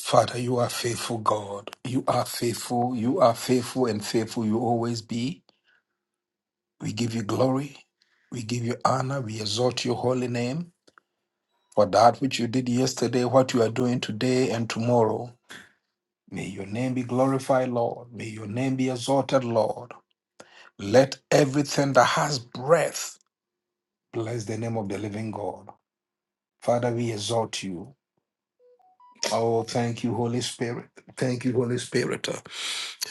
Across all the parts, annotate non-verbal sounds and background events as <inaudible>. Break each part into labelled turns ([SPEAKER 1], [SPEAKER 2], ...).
[SPEAKER 1] Father, you are faithful, God. You are faithful. You are faithful and faithful you always be. We give you glory. We give you honor. We exalt your holy name for that which you did yesterday, what you are doing today and tomorrow. May your name be glorified, Lord. May your name be exalted, Lord. Let everything that has breath bless the name of the living God. Father, we exalt you. Oh, thank you, Holy Spirit. Thank you, Holy Spirit.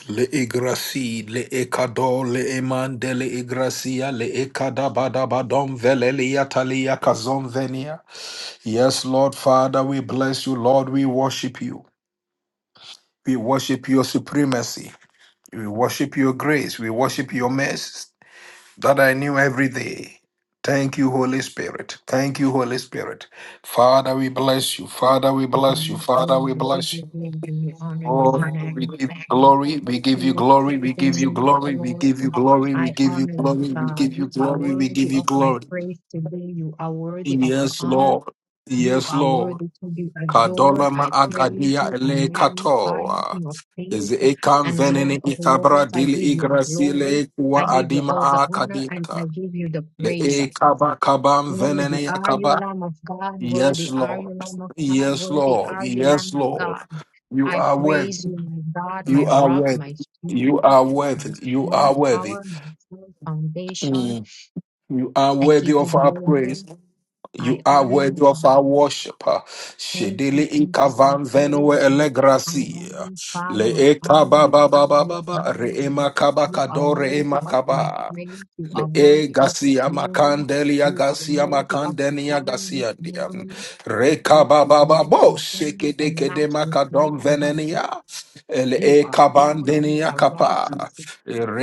[SPEAKER 1] Le igrasi, le ekado, le emande, le igracia, le ekadabadabadom, velelia talia kazom venia. Yes, Lord Father, we bless you. Lord, we worship you. We worship your supremacy. We worship your grace. We worship your mercy that I knew every day. Thank you, Holy Spirit. Thank you, Holy Spirit. Father, we bless you. Father, we bless you.
[SPEAKER 2] Again,
[SPEAKER 1] Father, we
[SPEAKER 2] We give
[SPEAKER 1] bless you.
[SPEAKER 2] you glory, we give you glory, we honor you,
[SPEAKER 1] Oh,
[SPEAKER 2] we
[SPEAKER 1] we give
[SPEAKER 2] magnify
[SPEAKER 1] you
[SPEAKER 2] you.
[SPEAKER 1] glory, we give
[SPEAKER 2] King
[SPEAKER 1] you
[SPEAKER 2] of
[SPEAKER 1] glory, we
[SPEAKER 2] kings and
[SPEAKER 1] give you
[SPEAKER 2] Lord of
[SPEAKER 1] glory, we
[SPEAKER 2] lords,
[SPEAKER 1] give you glory, we
[SPEAKER 2] I
[SPEAKER 1] give you
[SPEAKER 2] honor you,
[SPEAKER 1] glory, we give
[SPEAKER 2] God.
[SPEAKER 1] you
[SPEAKER 2] You are
[SPEAKER 1] glory, we give
[SPEAKER 2] worthy
[SPEAKER 1] you
[SPEAKER 2] of my
[SPEAKER 1] glory.
[SPEAKER 2] praise today. You are worthy of the
[SPEAKER 1] Yes,
[SPEAKER 2] honor.
[SPEAKER 1] Lord.
[SPEAKER 2] You
[SPEAKER 1] Yes,
[SPEAKER 2] are
[SPEAKER 1] Lord.
[SPEAKER 2] worthy to be adored.
[SPEAKER 1] Kadolama
[SPEAKER 2] I praise
[SPEAKER 1] agadia
[SPEAKER 2] you. I
[SPEAKER 1] ele
[SPEAKER 2] magnify you,
[SPEAKER 1] katoa.
[SPEAKER 2] King of
[SPEAKER 1] Is
[SPEAKER 2] kings
[SPEAKER 1] ekan
[SPEAKER 2] and
[SPEAKER 1] venene
[SPEAKER 2] Lord of
[SPEAKER 1] ikabra
[SPEAKER 2] lords. I
[SPEAKER 1] dili
[SPEAKER 2] give you the glory.
[SPEAKER 1] igrasile
[SPEAKER 2] I
[SPEAKER 1] kuwa
[SPEAKER 2] give you
[SPEAKER 1] adima
[SPEAKER 2] all the honor and
[SPEAKER 1] akadiata.
[SPEAKER 2] I give you the
[SPEAKER 1] Le
[SPEAKER 2] praise.
[SPEAKER 1] ekaba kabam
[SPEAKER 2] Worthy
[SPEAKER 1] venene
[SPEAKER 2] are you,
[SPEAKER 1] yakaba.
[SPEAKER 2] Lamb of God.
[SPEAKER 1] Yes,
[SPEAKER 2] Worthy are
[SPEAKER 1] Lord.
[SPEAKER 2] you, Lamb of God.
[SPEAKER 1] Yes,
[SPEAKER 2] Worthy
[SPEAKER 1] Lord.
[SPEAKER 2] are you, Lamb
[SPEAKER 1] Yes,
[SPEAKER 2] of
[SPEAKER 1] Lord.
[SPEAKER 2] God.
[SPEAKER 1] You
[SPEAKER 2] I
[SPEAKER 1] are worthy.
[SPEAKER 2] praise you, my God,
[SPEAKER 1] You
[SPEAKER 2] my
[SPEAKER 1] are
[SPEAKER 2] rock,
[SPEAKER 1] worthy.
[SPEAKER 2] my
[SPEAKER 1] You
[SPEAKER 2] shield,
[SPEAKER 1] are
[SPEAKER 2] my
[SPEAKER 1] worthy. You
[SPEAKER 2] strong
[SPEAKER 1] are worthy.
[SPEAKER 2] tower, my firm foundation.
[SPEAKER 1] Mm. You are
[SPEAKER 2] I
[SPEAKER 1] worthy
[SPEAKER 2] give you
[SPEAKER 1] of our praise.
[SPEAKER 2] glory. I
[SPEAKER 1] You are
[SPEAKER 2] honor
[SPEAKER 1] worthy
[SPEAKER 2] you,
[SPEAKER 1] of
[SPEAKER 2] God.
[SPEAKER 1] our worship.
[SPEAKER 2] Thank you,
[SPEAKER 1] Shedele
[SPEAKER 2] Jesus. I
[SPEAKER 1] ikavan
[SPEAKER 2] praise
[SPEAKER 1] venue
[SPEAKER 2] you. I
[SPEAKER 1] elegrasi.
[SPEAKER 2] magnify
[SPEAKER 1] Le
[SPEAKER 2] you. I
[SPEAKER 1] eka
[SPEAKER 2] honor
[SPEAKER 1] ba
[SPEAKER 2] you,
[SPEAKER 1] ba ba
[SPEAKER 2] God,
[SPEAKER 1] ba ba
[SPEAKER 2] this
[SPEAKER 1] ba. Re
[SPEAKER 2] morning.
[SPEAKER 1] ema kaba
[SPEAKER 2] You are
[SPEAKER 1] kadore ema
[SPEAKER 2] worthy of my
[SPEAKER 1] kaba.
[SPEAKER 2] praise. You are
[SPEAKER 1] E
[SPEAKER 2] worthy of the
[SPEAKER 1] Gasia
[SPEAKER 2] glory.
[SPEAKER 1] Macandelia
[SPEAKER 2] You are
[SPEAKER 1] Gasia
[SPEAKER 2] worthy of the
[SPEAKER 1] Macandenia
[SPEAKER 2] honor this
[SPEAKER 1] Gasia Diam
[SPEAKER 2] morning. And so I
[SPEAKER 1] Recababa
[SPEAKER 2] bless
[SPEAKER 1] Bo
[SPEAKER 2] your
[SPEAKER 1] Shake
[SPEAKER 2] holy and
[SPEAKER 1] Deke de
[SPEAKER 2] matchless
[SPEAKER 1] Macadom
[SPEAKER 2] name, God.
[SPEAKER 1] Venenia El
[SPEAKER 2] You
[SPEAKER 1] E
[SPEAKER 2] are holy. You
[SPEAKER 1] Cabandenia
[SPEAKER 2] are
[SPEAKER 1] Capa
[SPEAKER 2] righteous.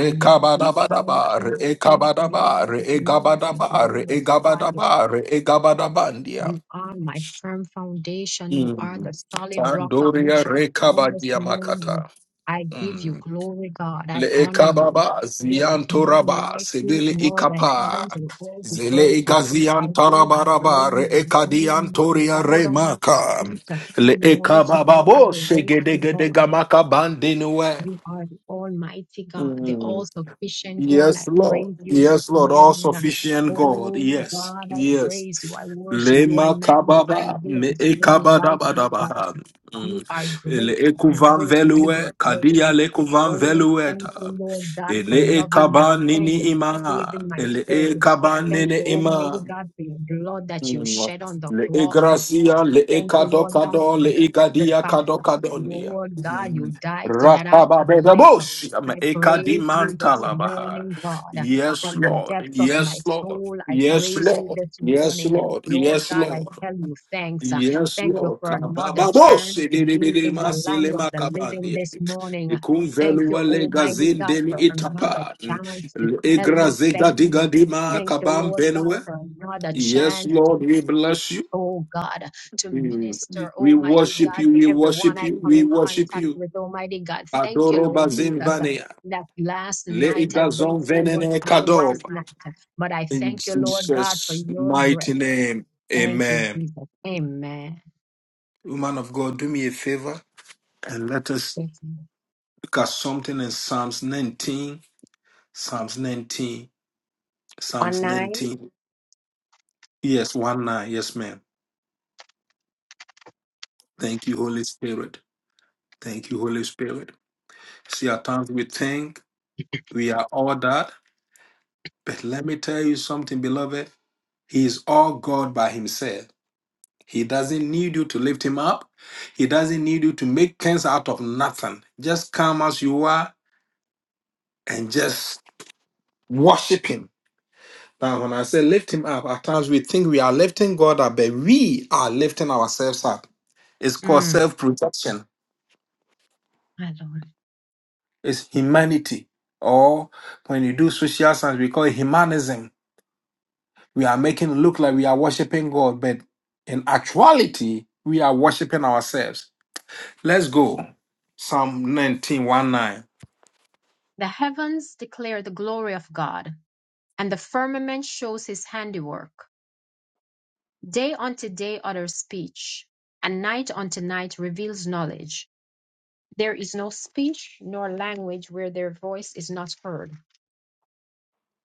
[SPEAKER 2] I magnify you, King of
[SPEAKER 1] E
[SPEAKER 2] kings and
[SPEAKER 1] Cabadaba
[SPEAKER 2] Lord of
[SPEAKER 1] E
[SPEAKER 2] lords. I
[SPEAKER 1] Gabadaba E
[SPEAKER 2] glorify you.
[SPEAKER 1] Gabadaba E Gabadabandia
[SPEAKER 2] You are my firm foundation. You are the
[SPEAKER 1] Mm.
[SPEAKER 2] solid rock on which
[SPEAKER 1] Sandoria
[SPEAKER 2] I
[SPEAKER 1] reka
[SPEAKER 2] stand this
[SPEAKER 1] Recabadia
[SPEAKER 2] morning.
[SPEAKER 1] Macata
[SPEAKER 2] I give you glory, God.
[SPEAKER 1] Le
[SPEAKER 2] I honor you.
[SPEAKER 1] ekababa
[SPEAKER 2] There is none
[SPEAKER 1] ziantoraba
[SPEAKER 2] like you
[SPEAKER 1] sebele
[SPEAKER 2] in all the
[SPEAKER 1] ikapa
[SPEAKER 2] heavens and all the
[SPEAKER 1] zele
[SPEAKER 2] earth. I
[SPEAKER 1] igazian
[SPEAKER 2] give you
[SPEAKER 1] tarabaraba re
[SPEAKER 2] glory. I honor
[SPEAKER 1] ekadian
[SPEAKER 2] you. I
[SPEAKER 1] toria
[SPEAKER 2] bow down at
[SPEAKER 1] remaka
[SPEAKER 2] your feet
[SPEAKER 1] le
[SPEAKER 2] in worship
[SPEAKER 1] ekababa
[SPEAKER 2] and
[SPEAKER 1] bo
[SPEAKER 2] adoration,
[SPEAKER 1] segedegede
[SPEAKER 2] God.
[SPEAKER 1] gamaka bandenue
[SPEAKER 2] You are the Almighty God, the all sufficient one.
[SPEAKER 1] Yes,
[SPEAKER 2] I
[SPEAKER 1] Lord.
[SPEAKER 2] praise you this
[SPEAKER 1] Yes, Lord. All
[SPEAKER 2] morning.
[SPEAKER 1] sufficient God.
[SPEAKER 2] Oh
[SPEAKER 1] Yes.
[SPEAKER 2] God, I
[SPEAKER 1] Yes.
[SPEAKER 2] praise you. I worship you. I
[SPEAKER 1] Lema
[SPEAKER 2] magnify you.
[SPEAKER 1] kababa
[SPEAKER 2] There
[SPEAKER 1] me
[SPEAKER 2] is none like you, God.
[SPEAKER 1] ekabadabadabaha.
[SPEAKER 2] You
[SPEAKER 1] Mm.
[SPEAKER 2] are
[SPEAKER 1] Ele
[SPEAKER 2] great and
[SPEAKER 1] ekuvan
[SPEAKER 2] greatly to be
[SPEAKER 1] velue kadia
[SPEAKER 2] praised.
[SPEAKER 1] lekuvan
[SPEAKER 2] Oh, thank you,
[SPEAKER 1] velueta.
[SPEAKER 2] Lord God, for
[SPEAKER 1] Ele
[SPEAKER 2] loving me.
[SPEAKER 1] ekaban
[SPEAKER 2] Thank you
[SPEAKER 1] nini
[SPEAKER 2] for
[SPEAKER 1] imaha.
[SPEAKER 2] saving my
[SPEAKER 1] Ele
[SPEAKER 2] soul.
[SPEAKER 1] ekaban
[SPEAKER 2] Thank you,
[SPEAKER 1] nene
[SPEAKER 2] Almighty God, for your blood that you
[SPEAKER 1] Mm.
[SPEAKER 2] shed on the
[SPEAKER 1] Le
[SPEAKER 2] cross. I
[SPEAKER 1] egracia, le
[SPEAKER 2] thank you, Lord God,
[SPEAKER 1] ekadokado,
[SPEAKER 2] for
[SPEAKER 1] le
[SPEAKER 2] the
[SPEAKER 1] igadia
[SPEAKER 2] sacrifice.
[SPEAKER 1] kadokadonia.
[SPEAKER 2] Lord God, you
[SPEAKER 1] Mm.
[SPEAKER 2] died so that I could live.
[SPEAKER 1] Rakababedabosh, am
[SPEAKER 2] I praise you this
[SPEAKER 1] ekadimantalabaha.
[SPEAKER 2] morning, God.
[SPEAKER 1] Yes,
[SPEAKER 2] From the
[SPEAKER 1] Lord.
[SPEAKER 2] depths of my
[SPEAKER 1] Yes, Lord.
[SPEAKER 2] soul, I
[SPEAKER 1] Yes,
[SPEAKER 2] praise you
[SPEAKER 1] Lord.
[SPEAKER 2] this
[SPEAKER 1] Yes,
[SPEAKER 2] morning.
[SPEAKER 1] Lord.
[SPEAKER 2] Lord
[SPEAKER 1] Yes,
[SPEAKER 2] God, I
[SPEAKER 1] Lord.
[SPEAKER 2] tell you thanks. Uh,
[SPEAKER 1] Yes,
[SPEAKER 2] Thank you
[SPEAKER 1] Lord.
[SPEAKER 2] for another
[SPEAKER 1] Kabababos,
[SPEAKER 2] chance to be in
[SPEAKER 1] edidididima
[SPEAKER 2] the land of
[SPEAKER 1] selema
[SPEAKER 2] the living
[SPEAKER 1] kabandi.
[SPEAKER 2] this morning. Thank you,
[SPEAKER 1] Ikumvelua le
[SPEAKER 2] Almighty God,
[SPEAKER 1] gazindeni
[SPEAKER 2] for another
[SPEAKER 1] itapan.
[SPEAKER 2] chance to
[SPEAKER 1] Le
[SPEAKER 2] tell you
[SPEAKER 1] egrazega
[SPEAKER 2] thank you.
[SPEAKER 1] digadima
[SPEAKER 2] Thank you, Lord
[SPEAKER 1] kabambenue.
[SPEAKER 2] God, for another
[SPEAKER 1] Yes,
[SPEAKER 2] chance to
[SPEAKER 1] Lord, we bless you.
[SPEAKER 2] oh God, to
[SPEAKER 1] Mm.
[SPEAKER 2] minister,
[SPEAKER 1] We
[SPEAKER 2] Almighty
[SPEAKER 1] worship
[SPEAKER 2] God,
[SPEAKER 1] you,
[SPEAKER 2] to
[SPEAKER 1] we
[SPEAKER 2] everyone
[SPEAKER 1] worship
[SPEAKER 2] I
[SPEAKER 1] you,
[SPEAKER 2] come
[SPEAKER 1] we
[SPEAKER 2] in
[SPEAKER 1] worship
[SPEAKER 2] contact
[SPEAKER 1] you.
[SPEAKER 2] with, Almighty God. Thank you,
[SPEAKER 1] Adoro
[SPEAKER 2] Lord Jesus.
[SPEAKER 1] bazin
[SPEAKER 2] uh,
[SPEAKER 1] vania.
[SPEAKER 2] That last
[SPEAKER 1] Le
[SPEAKER 2] night, as they
[SPEAKER 1] igazon
[SPEAKER 2] say, it
[SPEAKER 1] venene
[SPEAKER 2] wasn't my
[SPEAKER 1] kadob.
[SPEAKER 2] last night, uh, but I
[SPEAKER 1] In
[SPEAKER 2] thank you, Lord God, for
[SPEAKER 1] Jesus'
[SPEAKER 2] your
[SPEAKER 1] mighty
[SPEAKER 2] breath.
[SPEAKER 1] name,
[SPEAKER 2] Thank you,
[SPEAKER 1] amen.
[SPEAKER 2] Jesus. Amen.
[SPEAKER 1] Woman of God, do me a favor and let us
[SPEAKER 2] Thank you.
[SPEAKER 1] look at something in Psalms 19. Psalms 19.
[SPEAKER 2] On
[SPEAKER 1] Psalms
[SPEAKER 2] nine,
[SPEAKER 1] 19. Yes, 1 9. Yes, ma'am. Thank you, Holy Spirit. Thank you, Holy Spirit. See, at times we think we are all that. But let me tell you something, beloved. He is all God by himself. He doesn't need you to lift him up. He doesn't need you to make things out of nothing. Just come as you are and just worship him. Now, when I say lift him up, at times we think we are lifting God up, but we are lifting ourselves up. It's called
[SPEAKER 2] mm,
[SPEAKER 1] self-protection.
[SPEAKER 2] my Lord.
[SPEAKER 1] It's humanity. Or when you do social science, we call it humanism We are making it look like we are worshiping God, but in actuality, we are worshiping ourselves. Let's go. Psalm nineteen, one 9.
[SPEAKER 2] The heavens declare the glory of God, and the firmament shows his handiwork. Day unto day utters speech, and night unto night reveals knowledge. There is no speech nor language where their voice is not heard.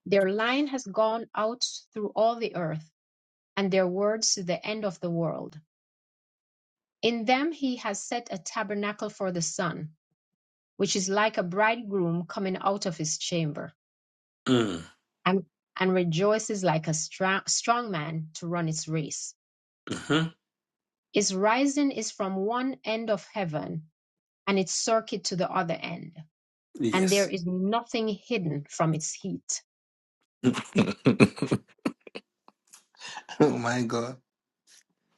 [SPEAKER 2] Their line has gone out through all the earth, and their words to the end of the world. In them he has set a tabernacle for the sun, which is like a bridegroom coming out of his chamber,
[SPEAKER 1] Mm.
[SPEAKER 2] and, and rejoices like a stra- strong man to run its race.
[SPEAKER 1] hmm
[SPEAKER 2] Its rising is from one end of heaven, and its circuit to the other end, and there
[SPEAKER 1] Yes. <laughs>
[SPEAKER 2] is nothing hidden from its heat.
[SPEAKER 1] Oh my God.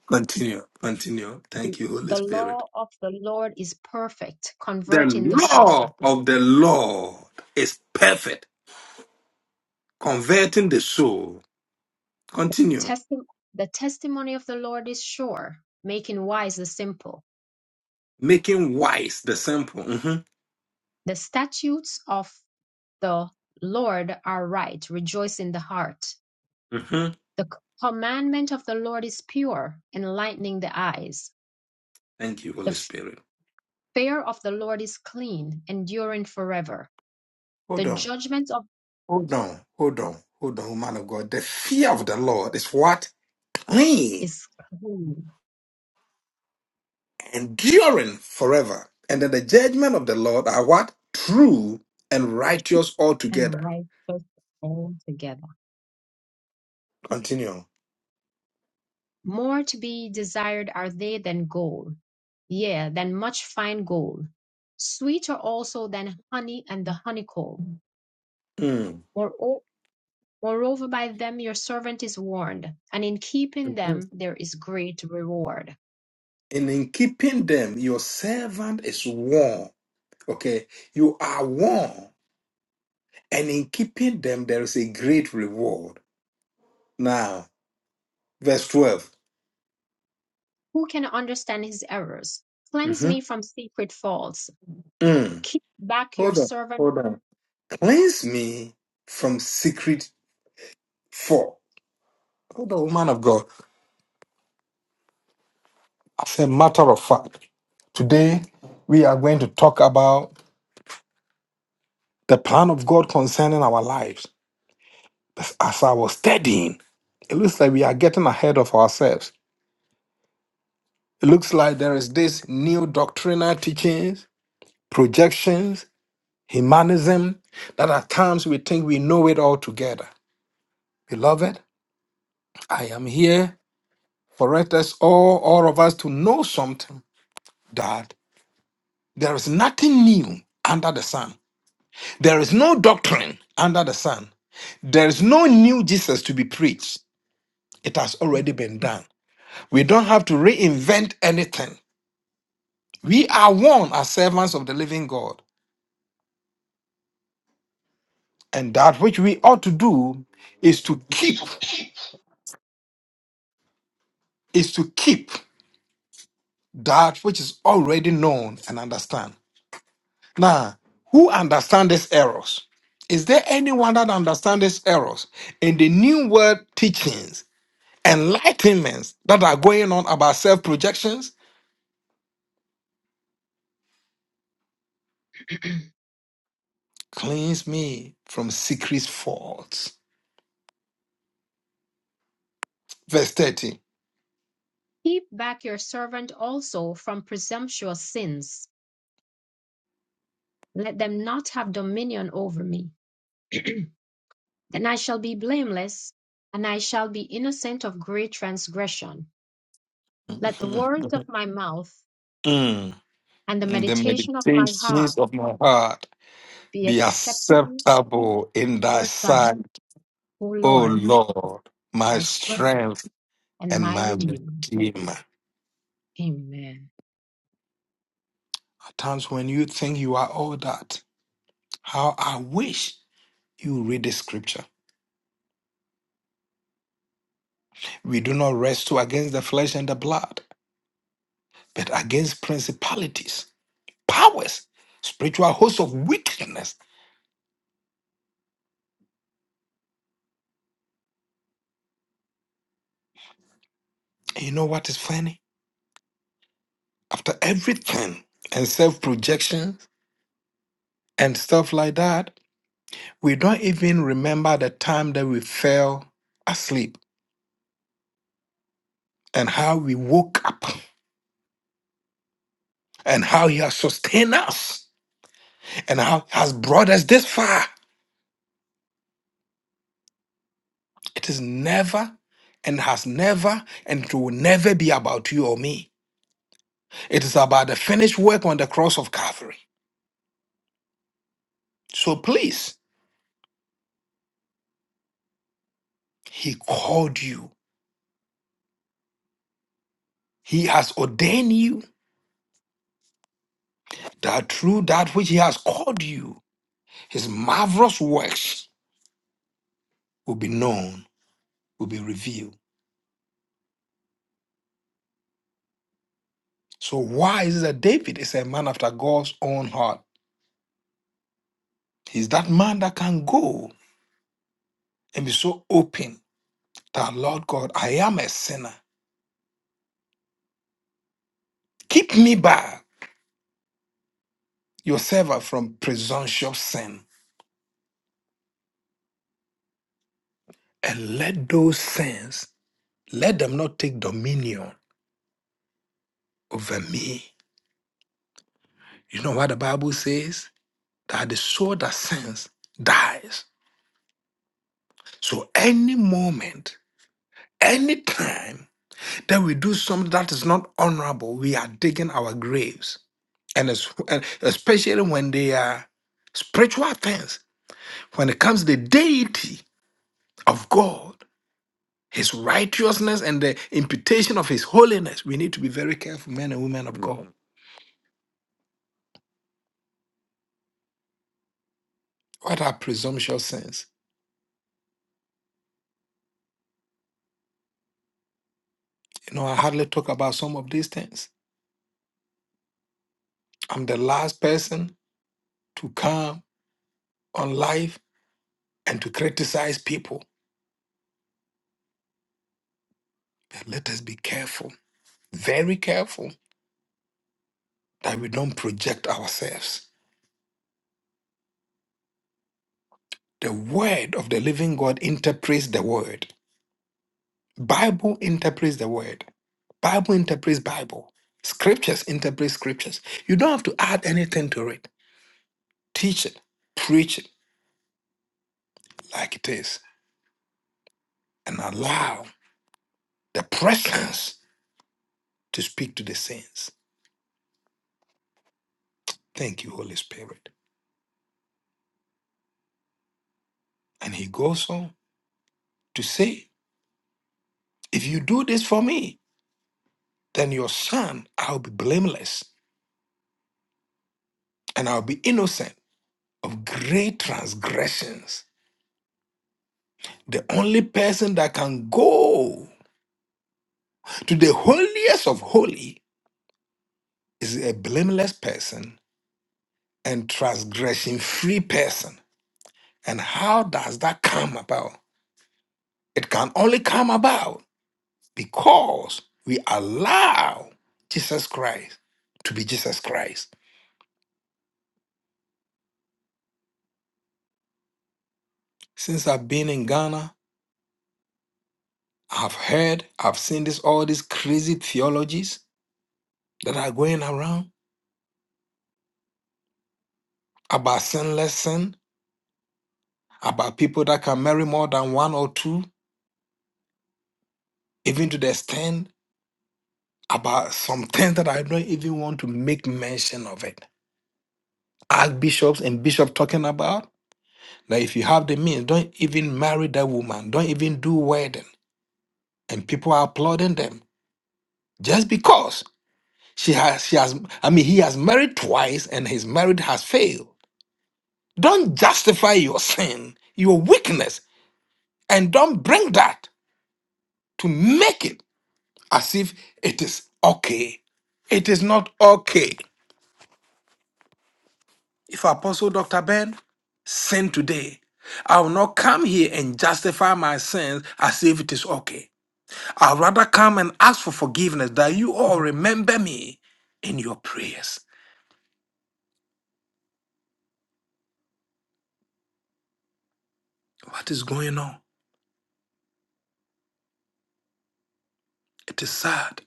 [SPEAKER 1] Continue. Continue. Thank you, Holy
[SPEAKER 2] The
[SPEAKER 1] Spirit.
[SPEAKER 2] law of the Lord is perfect,
[SPEAKER 1] The
[SPEAKER 2] converting the soul.
[SPEAKER 1] law of the Lord is perfect, converting the soul. Continue.
[SPEAKER 2] Testi- the testimony of the Lord is sure, making wise the simple.
[SPEAKER 1] Making wise the simple. hmm
[SPEAKER 2] The statutes of the Lord are right, rejoicing the heart.
[SPEAKER 1] hmm
[SPEAKER 2] The c- commandment of the Lord is pure, enlightening the eyes.
[SPEAKER 1] Thank you,
[SPEAKER 2] The
[SPEAKER 1] Holy
[SPEAKER 2] f-
[SPEAKER 1] Spirit.
[SPEAKER 2] fear of the Lord is clean, enduring forever. The
[SPEAKER 1] Hold on.
[SPEAKER 2] judgment of
[SPEAKER 1] Hold on, hold on, hold on, man of God. The fear of the Lord is what? Clean,
[SPEAKER 2] is clean
[SPEAKER 1] enduring forever. And then the judgment of the Lord are what? True and righteous
[SPEAKER 2] and
[SPEAKER 1] altogether.
[SPEAKER 2] righteous altogether.
[SPEAKER 1] Continue.
[SPEAKER 2] More to be desired are they than gold, yea, than much fine gold. Sweeter also than honey and the honeycomb.
[SPEAKER 1] Mm.
[SPEAKER 2] Moreo- Moreover, by them your servant is warned, and in keeping
[SPEAKER 1] Mhm.
[SPEAKER 2] them there is great reward.
[SPEAKER 1] And in keeping them, your servant is warned. Okay, you are warned. And in keeping them, there is a great reward. Now, verse 12.
[SPEAKER 2] Who can understand his errors? Cleanse
[SPEAKER 1] Mhm.
[SPEAKER 2] me from secret faults.
[SPEAKER 1] Mm.
[SPEAKER 2] Keep back your
[SPEAKER 1] Hold on,
[SPEAKER 2] servant.
[SPEAKER 1] hold on. Cleanse me from secret fault Hold on, woman of God. As a matter of fact, today we are going to talk about the plan of God concerning our lives. As I was studying, it looks like we are getting ahead of ourselves. It looks like there is this new doctrinal teachings, projections, humanism that at times we think we know it all together. Beloved, I am here for us all, all of us to know something that there is nothing new under the sun. There is no doctrine under the sun. There is no new Jesus to be preached. It has already been done. We don't have to reinvent anything. We are one as servants of the living God. And that which we ought to do is to keep, is to keep that which is already known and understand. Now, who understand these errors? Is there anyone that understands these errors in the new world teachings, enlightenments that are going on about self projections? Cleanse me from secret faults. Verse 30.
[SPEAKER 2] Keep back your servant also from presumptuous sins. Let them not have dominion over me. <clears throat> Then I shall be blameless, and I shall be innocent of great transgression. Let the words of
[SPEAKER 1] <laughs>
[SPEAKER 2] my mouth
[SPEAKER 1] Mm.
[SPEAKER 2] and the
[SPEAKER 1] The
[SPEAKER 2] meditation of my heart
[SPEAKER 1] meditations of my heart
[SPEAKER 2] be
[SPEAKER 1] be
[SPEAKER 2] acceptable
[SPEAKER 1] acceptable in
[SPEAKER 2] in
[SPEAKER 1] thy
[SPEAKER 2] your sight,
[SPEAKER 1] sight,
[SPEAKER 2] O
[SPEAKER 1] O
[SPEAKER 2] Lord,
[SPEAKER 1] Lord, my
[SPEAKER 2] my strength
[SPEAKER 1] strength
[SPEAKER 2] and
[SPEAKER 1] and
[SPEAKER 2] my
[SPEAKER 1] my
[SPEAKER 2] redeemer.
[SPEAKER 1] redeemer.
[SPEAKER 2] Amen.
[SPEAKER 1] At times when you think you are all that, how I wish you read the scripture. We do not wrestle against the flesh and the blood, but against principalities, powers, spiritual hosts of wickedness And you know what is funny? After everything and self projection and stuff like that, we don't even remember the time that we fell asleep and how we woke up and how He has sustained us and how He has brought us this far. It is never and has never and it will never be about you or me. It is about the finished work on the cross of Calvary. So please, He called you, He has ordained you. that through that which he has called you, his marvelous works will be known, will be revealed. So why is it that David is a man after God's own heart? He's that man that can go and be so open that Lord God, I am a sinner. Keep me back your servant from presumptuous sin. And let those sins, let them not take dominion over me. You know what the Bible says? That the soul that sins dies. So any moment, any time that we do something that is not honorable, we are digging our graves. And es- and especially when they are spiritual things, when it comes to the deity of God, his righteousness and the imputation of his holiness, we need to be very careful, men and women of God. Mm. What are presumptuous sins? You know, I hardly talk about some of these things. I'm the last person to come on live and to criticize people But let us be careful, very careful, that we don't project ourselves. The word of the living God interprets the word. Bible interprets the word. Bible interprets Bible. Scriptures interpret scriptures. You don't have to add anything to it. Teach it, preach it like it is, and allow the presence to speak to the saints. Thank you, Holy Spirit. And he goes on to say, If you do this for me, then your son, I'll be blameless. and I'll be innocent of great transgressions. The only person that can go to the holiest of holy is a blameless person and transgression free person. And how does that come about? It can only come about because we allow Jesus Christ to be Jesus Christ. Since I've been in Ghana, I've heard, I've seen this all these crazy theologies that are going around about sinless sin, about people that can marry more than one or two, even to the extent about some things that I don't even want to make mention of it. Archbishops and bishops talking about that if you have the means, don't even marry that woman, don't even do wedding. And people are applauding them just because she has she has I mean he has married twice and his marriage has failed. Don't justify your sin, your weakness, and don't bring that to make it. as if it is okay. It is not okay. If Apostle Dr. Ben sinned today, I will not come here and justify my sins as if it is okay. I'd rather come and ask for forgiveness that you all remember me in your prayers. What is going on? It is sad.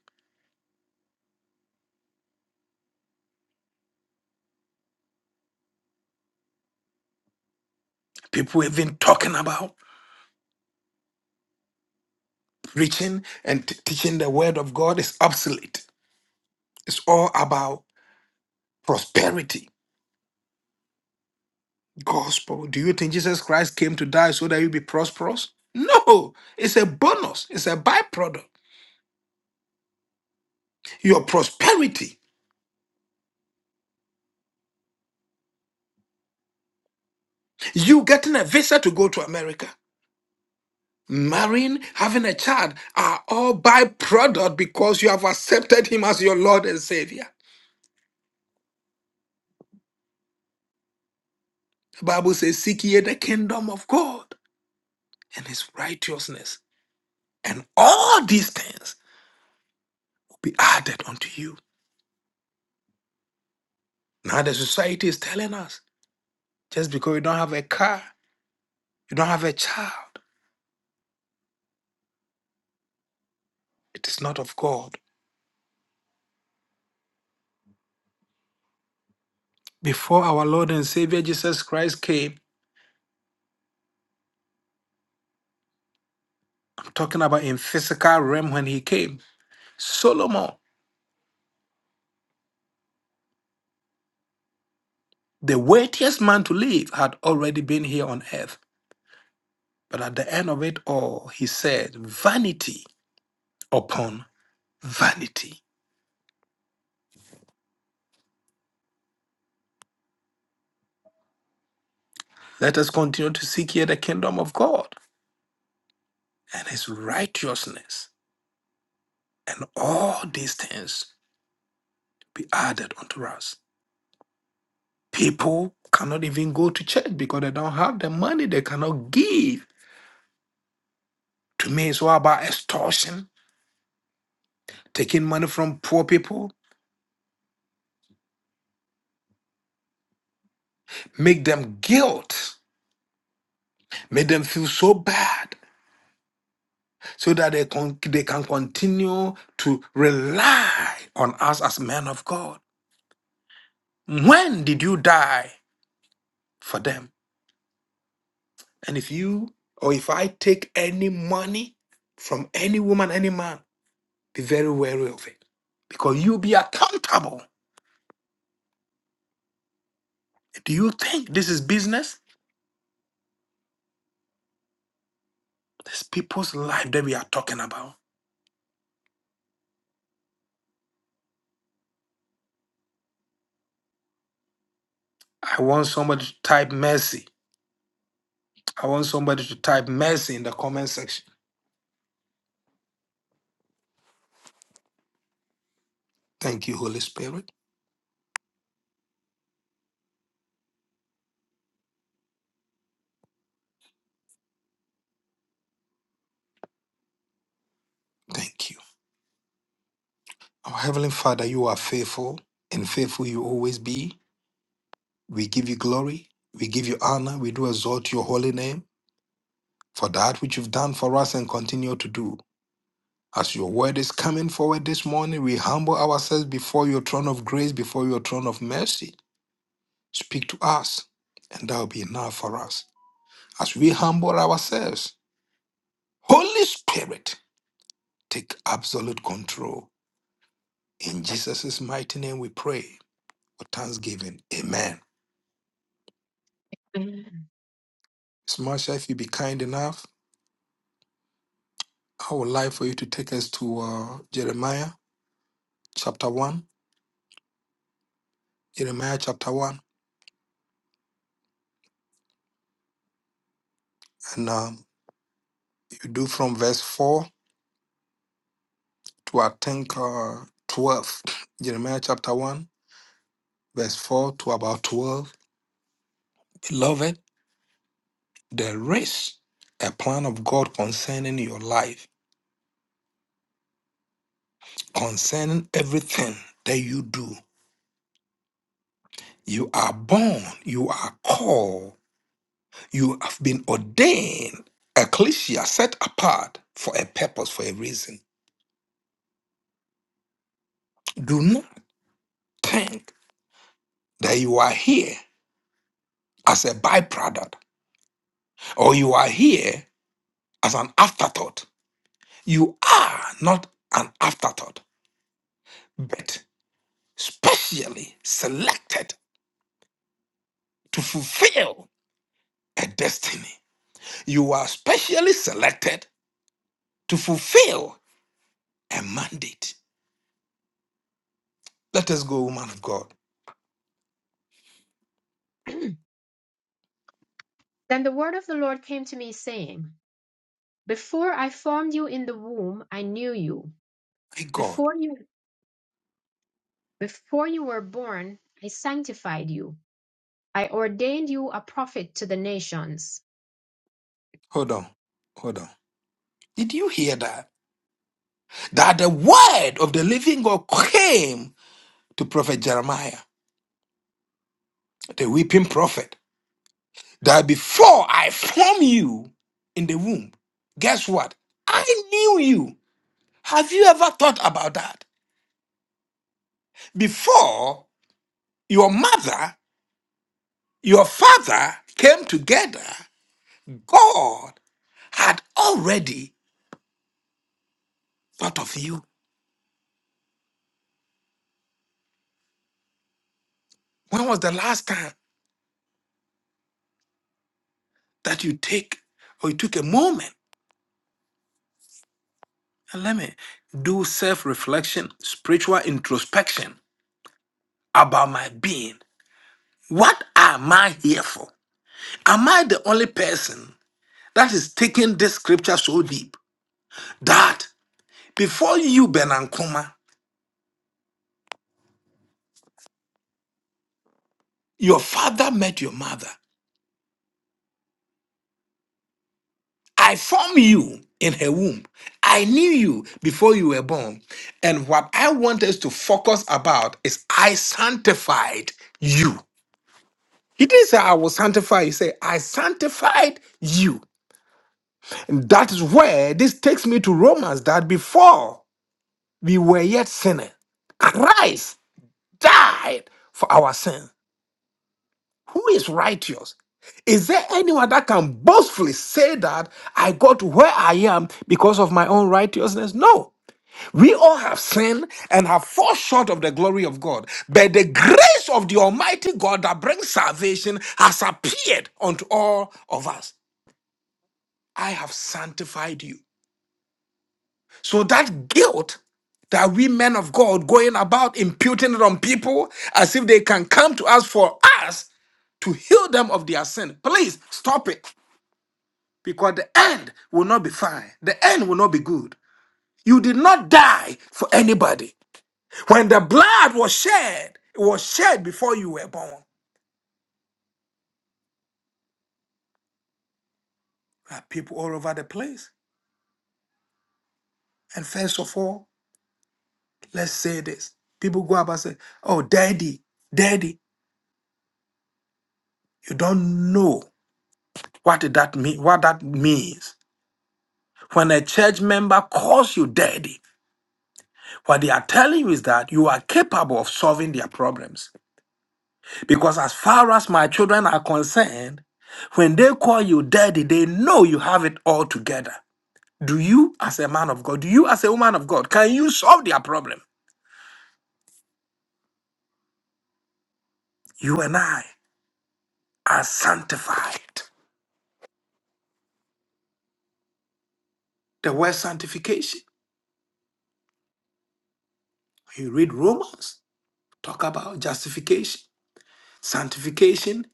[SPEAKER 1] People even talking about preaching and t- teaching the word of God is obsolete. It's all about prosperity gospel. Do you think Jesus Christ came to die so that you be prosperous? No, it's a bonus, it's a byproduct. Your prosperity, you getting a visa to go to America, marrying, having a child are all byproduct because you have accepted him as your Lord and Savior. The Bible says, Seek ye the kingdom of God and his righteousness, and all these things will be added unto you. Now the society is telling us just because you don't have a car, you don't have a child. It is not of God. Before our Lord and Savior Jesus Christ came, I'm talking about in physical realm when he came, Solomon, the weightiest man to live, had already been here on earth. But at the end of it all, he said, vanity upon vanity. Let us continue to seek here the kingdom of God and his righteousness, and all these things be added unto us. People cannot even go to church because they don't have the money, they cannot give To me, it's all about extortion, taking money from poor people, make them guilt, make them feel so bad, so that they can they can continue to rely on us as men of God. When did you die for them? And if you or if I take any money from any woman, any man, be very wary of it. Because you will be accountable. Do you think this is business? This people's life that we are talking about. I want somebody to type mercy. I want somebody to type mercy in the comment section. Thank you, Holy Spirit. Thank you. Our Heavenly Father, you are faithful, and faithful you always be. We give you glory. We give you honor. We do exalt your holy name for that which you've done for us and continue to do. As your word is coming forward this morning, we humble ourselves before your throne of grace, before your throne of mercy. Speak to us, and that will be enough for us. As we humble ourselves, Holy Spirit, Take absolute control. In Jesus' mighty name we pray with thanksgiving. Amen.
[SPEAKER 2] <clears throat> then
[SPEAKER 1] Smasha, if you be kind enough, I would like for you to take us to uh, Jeremiah chapter 1. Jeremiah chapter 1. And um, you do from verse 4 to I think uh, 12. <clears throat> Jeremiah chapter 1, verse 4 to about 12. Beloved, there is a plan of God concerning your life, concerning everything that you do. You are born, you are called, you have been ordained, ecclesia, set apart for a purpose, for a reason. Do not think that you are here as a byproduct or you are here as an afterthought. You are not an afterthought, but specially selected to fulfill a destiny. You are specially selected to fulfill a mandate. Let us go, woman of God.
[SPEAKER 2] the word of the Lord came to me, saying, Before I formed you in the womb, I knew you.
[SPEAKER 1] My God.
[SPEAKER 2] Before you before you were born, I sanctified you. I ordained you a prophet to the nations.
[SPEAKER 1] Hold on. Hold on. Did you hear that? That the word of the living God came to prophet Jeremiah, the weeping prophet, that before I formed you in the womb, guess what? I knew you. Have you ever thought about that? Before your mother, your father came together, God had already thought of you. When was the last time that you take or you took a moment? And let me do self reflection, spiritual introspection about my being. What am I here for? Am I the only person that is taking this scripture so deep that before you, Benankoma, your father met your mother? I formed you in her womb. I knew you before you were born. And what I want us to focus about is I sanctified you. He didn't say I will sanctify you. He said I sanctified you And that is where this takes me to Romans that before we were yet sinners, Christ died for our sin. Who is righteous? Is there anyone that can boastfully say that I got where I am because of my own righteousness? No. We all have sinned and have fallen short of the glory of God. But the grace of the Almighty God that brings salvation has appeared unto all of us. I have sanctified you. So that guilt that we men of God going about imputing it on people as if they can come to us for us to heal them of their sin. Please stop it because the end will not be fine. The end will not be good. You did not die for anybody. When the blood was shed, it was shed before you were born. There are people all over the place. And first of all, let's say this. People go up and say, Oh, daddy, daddy, you don't know. What did that mean? What that means? When a church member calls you daddy, what they are telling you is that you are capable of solving their problems. Because as far as my children are concerned, when they call you daddy, they know you have it all together. Do you, as a man of God, do you, as a woman of God, can you solve their problem? You and I are sanctified. The word sanctification, when you read Romans, talk about justification, sanctification,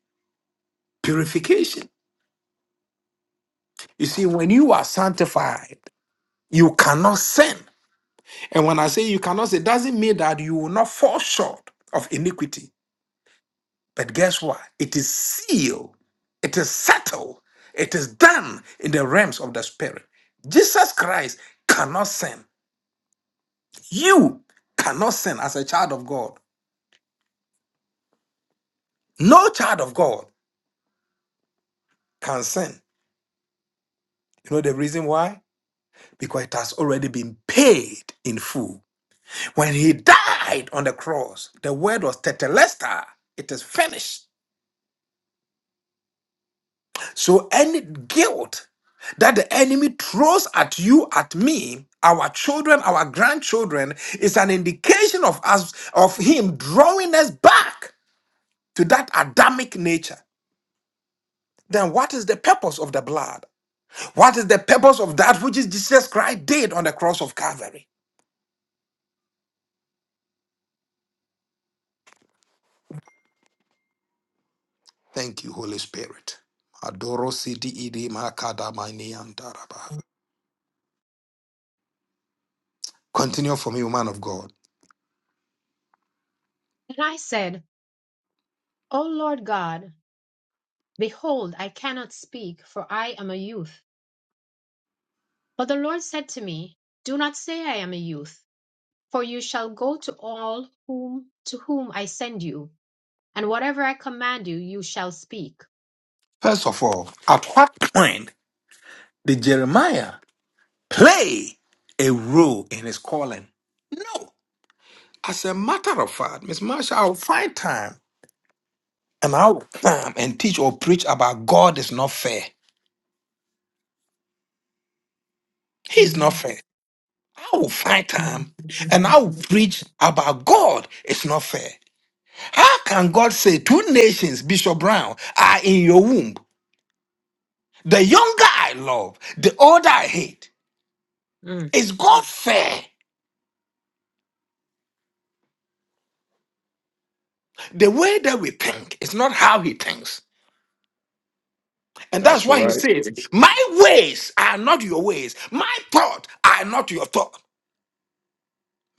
[SPEAKER 1] purification. You see, when you are sanctified, you cannot sin. And when I say you cannot sin, it doesn't mean that you will not fall short of iniquity. But guess what? It is sealed, it is settled, it is done in the realms of the spirit. Jesus Christ cannot sin. You cannot sin as a child of God. No child of God can sin. You know the reason why? Because it has already been paid in full. When he died on the cross, the word was tetelestai, it is finished. So any guilt that the enemy throws at you, at me, our children, our grandchildren, is an indication of us, of him drawing us back to that Adamic nature. Then what is the purpose of the blood? What is the purpose of that which is Jesus Christ did on the cross of Calvary? Thank you, Holy Spirit. Adoro sidi idi makada mani andaraba. Continue for me, woman of God.
[SPEAKER 2] And I said, O Lord God, behold, I cannot speak, for I am a youth. But the Lord said to me, Do not say I am a youth, for you shall go to all whom to whom I send you, and whatever I command you, you shall speak.
[SPEAKER 1] First of all, at what point did Jeremiah play a role in his calling? No. As a matter of fact, Miss Marsha, I'll find time and I'll come and teach or preach about God is not fair. He is not
[SPEAKER 2] Amen.
[SPEAKER 1] fair. I will find time and I will
[SPEAKER 2] <laughs>
[SPEAKER 1] preach about God is not fair. How can God say two nations, Bishop Brown, are in your womb? The younger I love, the older I hate.
[SPEAKER 2] Mm,
[SPEAKER 1] Is God fair? The way that we think is not how he thinks. And that's
[SPEAKER 3] That's
[SPEAKER 1] why he
[SPEAKER 3] right.
[SPEAKER 1] says, My ways are not your ways, my thought are not your thought.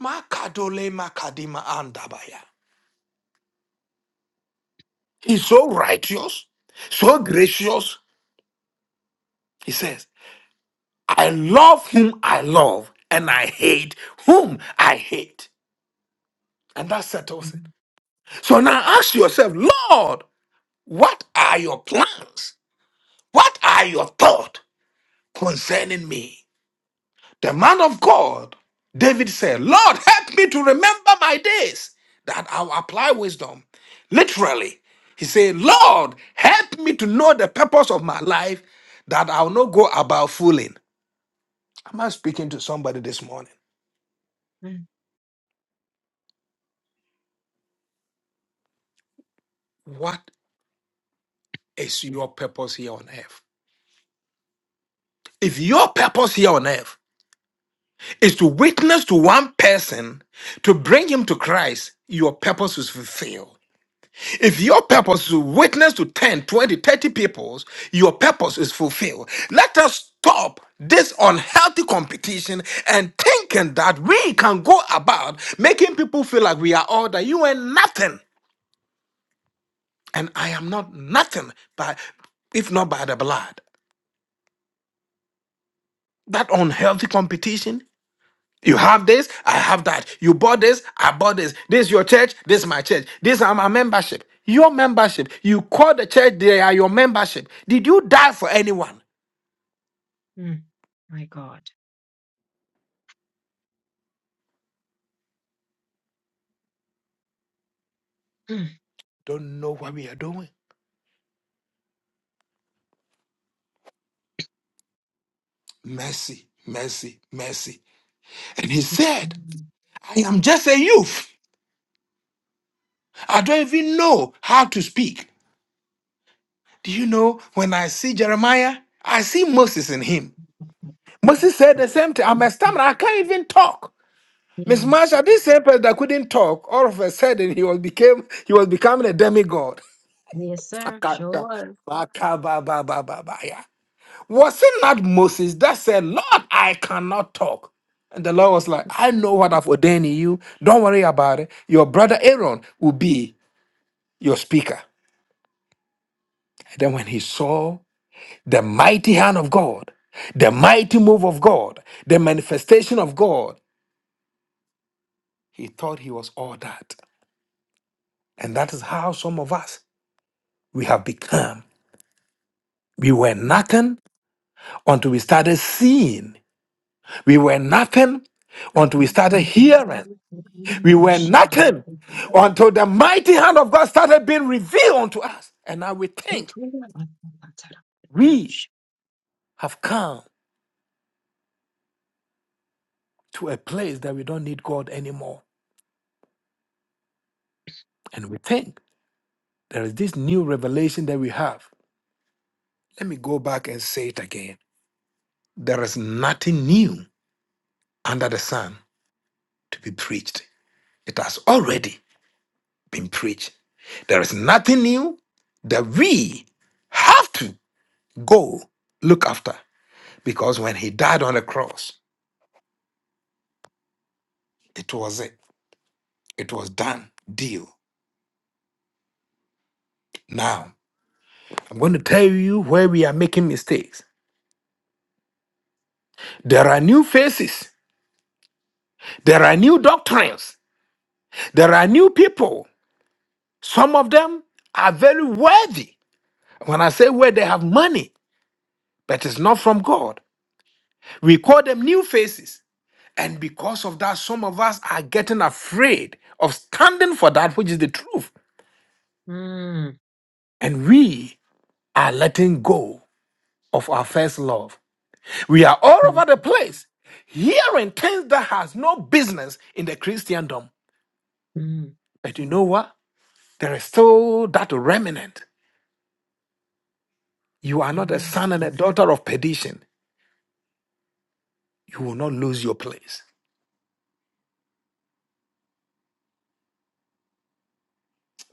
[SPEAKER 1] Makadole makadima andabaya. He's so righteous, so gracious. He says, I love whom I love, and I hate whom I hate. And that settles
[SPEAKER 2] mm,
[SPEAKER 1] it. So now ask yourself, Lord, what are your plans? What are your thoughts concerning me? The man of God, David said, Lord, help me to remember my days that I'll apply wisdom. Literally, he said, Lord, help me to know the purpose of my life that I'll not go about fooling. Am I speaking to somebody this morning?
[SPEAKER 2] mm,
[SPEAKER 1] What is your purpose here on earth? If your purpose here on earth is to witness to one person, to bring him to Christ, your purpose is fulfilled. If your purpose is to witness to 10, 20, 30 peoples, your purpose is fulfilled. Let us stop this unhealthy competition and thinking that we can go about making people feel like we are all that you ain't nothing and I am not nothing, but if not by the blood. That unhealthy competition You have this, I have that. You bought this, I bought this. This is your church, this is my church. These are my membership. Your membership. You call the church, they are your membership. Did you die for anyone?
[SPEAKER 2] mm, My God. Mm.
[SPEAKER 1] Don't know what we are doing. Mercy, mercy, mercy. And he said, I am just a youth. I don't even know how to speak. Do you know when I see Jeremiah, I see Moses in him. Moses said the same thing. I'm a stammerer. I can't even talk. Miss
[SPEAKER 2] Yes.
[SPEAKER 1] Marsha, this same person that couldn't talk, all of a sudden he was became he was becoming a demigod.
[SPEAKER 2] Yes,
[SPEAKER 1] <laughs>
[SPEAKER 2] sir. Sure was.
[SPEAKER 1] Akakabababababaya. was it not Moses that said, Lord, I cannot talk? And the Lord was like, I know what I've ordained in you. Don't worry about it. Your brother Aaron will be your speaker. And then when he saw the mighty hand of God, the mighty move of God, the manifestation of God, he thought he was all that. And that is how some of us we have become. We were
[SPEAKER 2] Mm.
[SPEAKER 1] nothing until we started seeing. We were nothing until we started
[SPEAKER 2] Satan.
[SPEAKER 1] hearing. We were nothing until the mighty hand of God started being revealed unto us. And now we think
[SPEAKER 2] Between us and
[SPEAKER 1] we have come to a place that we don't need God anymore. And we think there is this new revelation that we have. Let me go back and say it again. There is nothing new under the sun to be preached. It has already been preached. There is nothing new that we have to go look after because when he died on the cross, it was it. It was done. Deal. Now, I'm going to tell you where we are making mistakes. There are new faces, there are new doctrines, there are new people. Some of them are very worthy. When I say where they have money, but it's not from God. We call them new faces. And because of that, some of us are getting afraid of standing for that which is the truth.
[SPEAKER 2] Mm.
[SPEAKER 1] And we are letting go of our first love. We are all
[SPEAKER 2] Thank
[SPEAKER 1] over the place hearing things that has no business in the Christendom.
[SPEAKER 2] Mm.
[SPEAKER 1] But you know what? There is still that remnant. You are not a
[SPEAKER 2] Amen.
[SPEAKER 1] son and a daughter of perdition. You will not lose your place.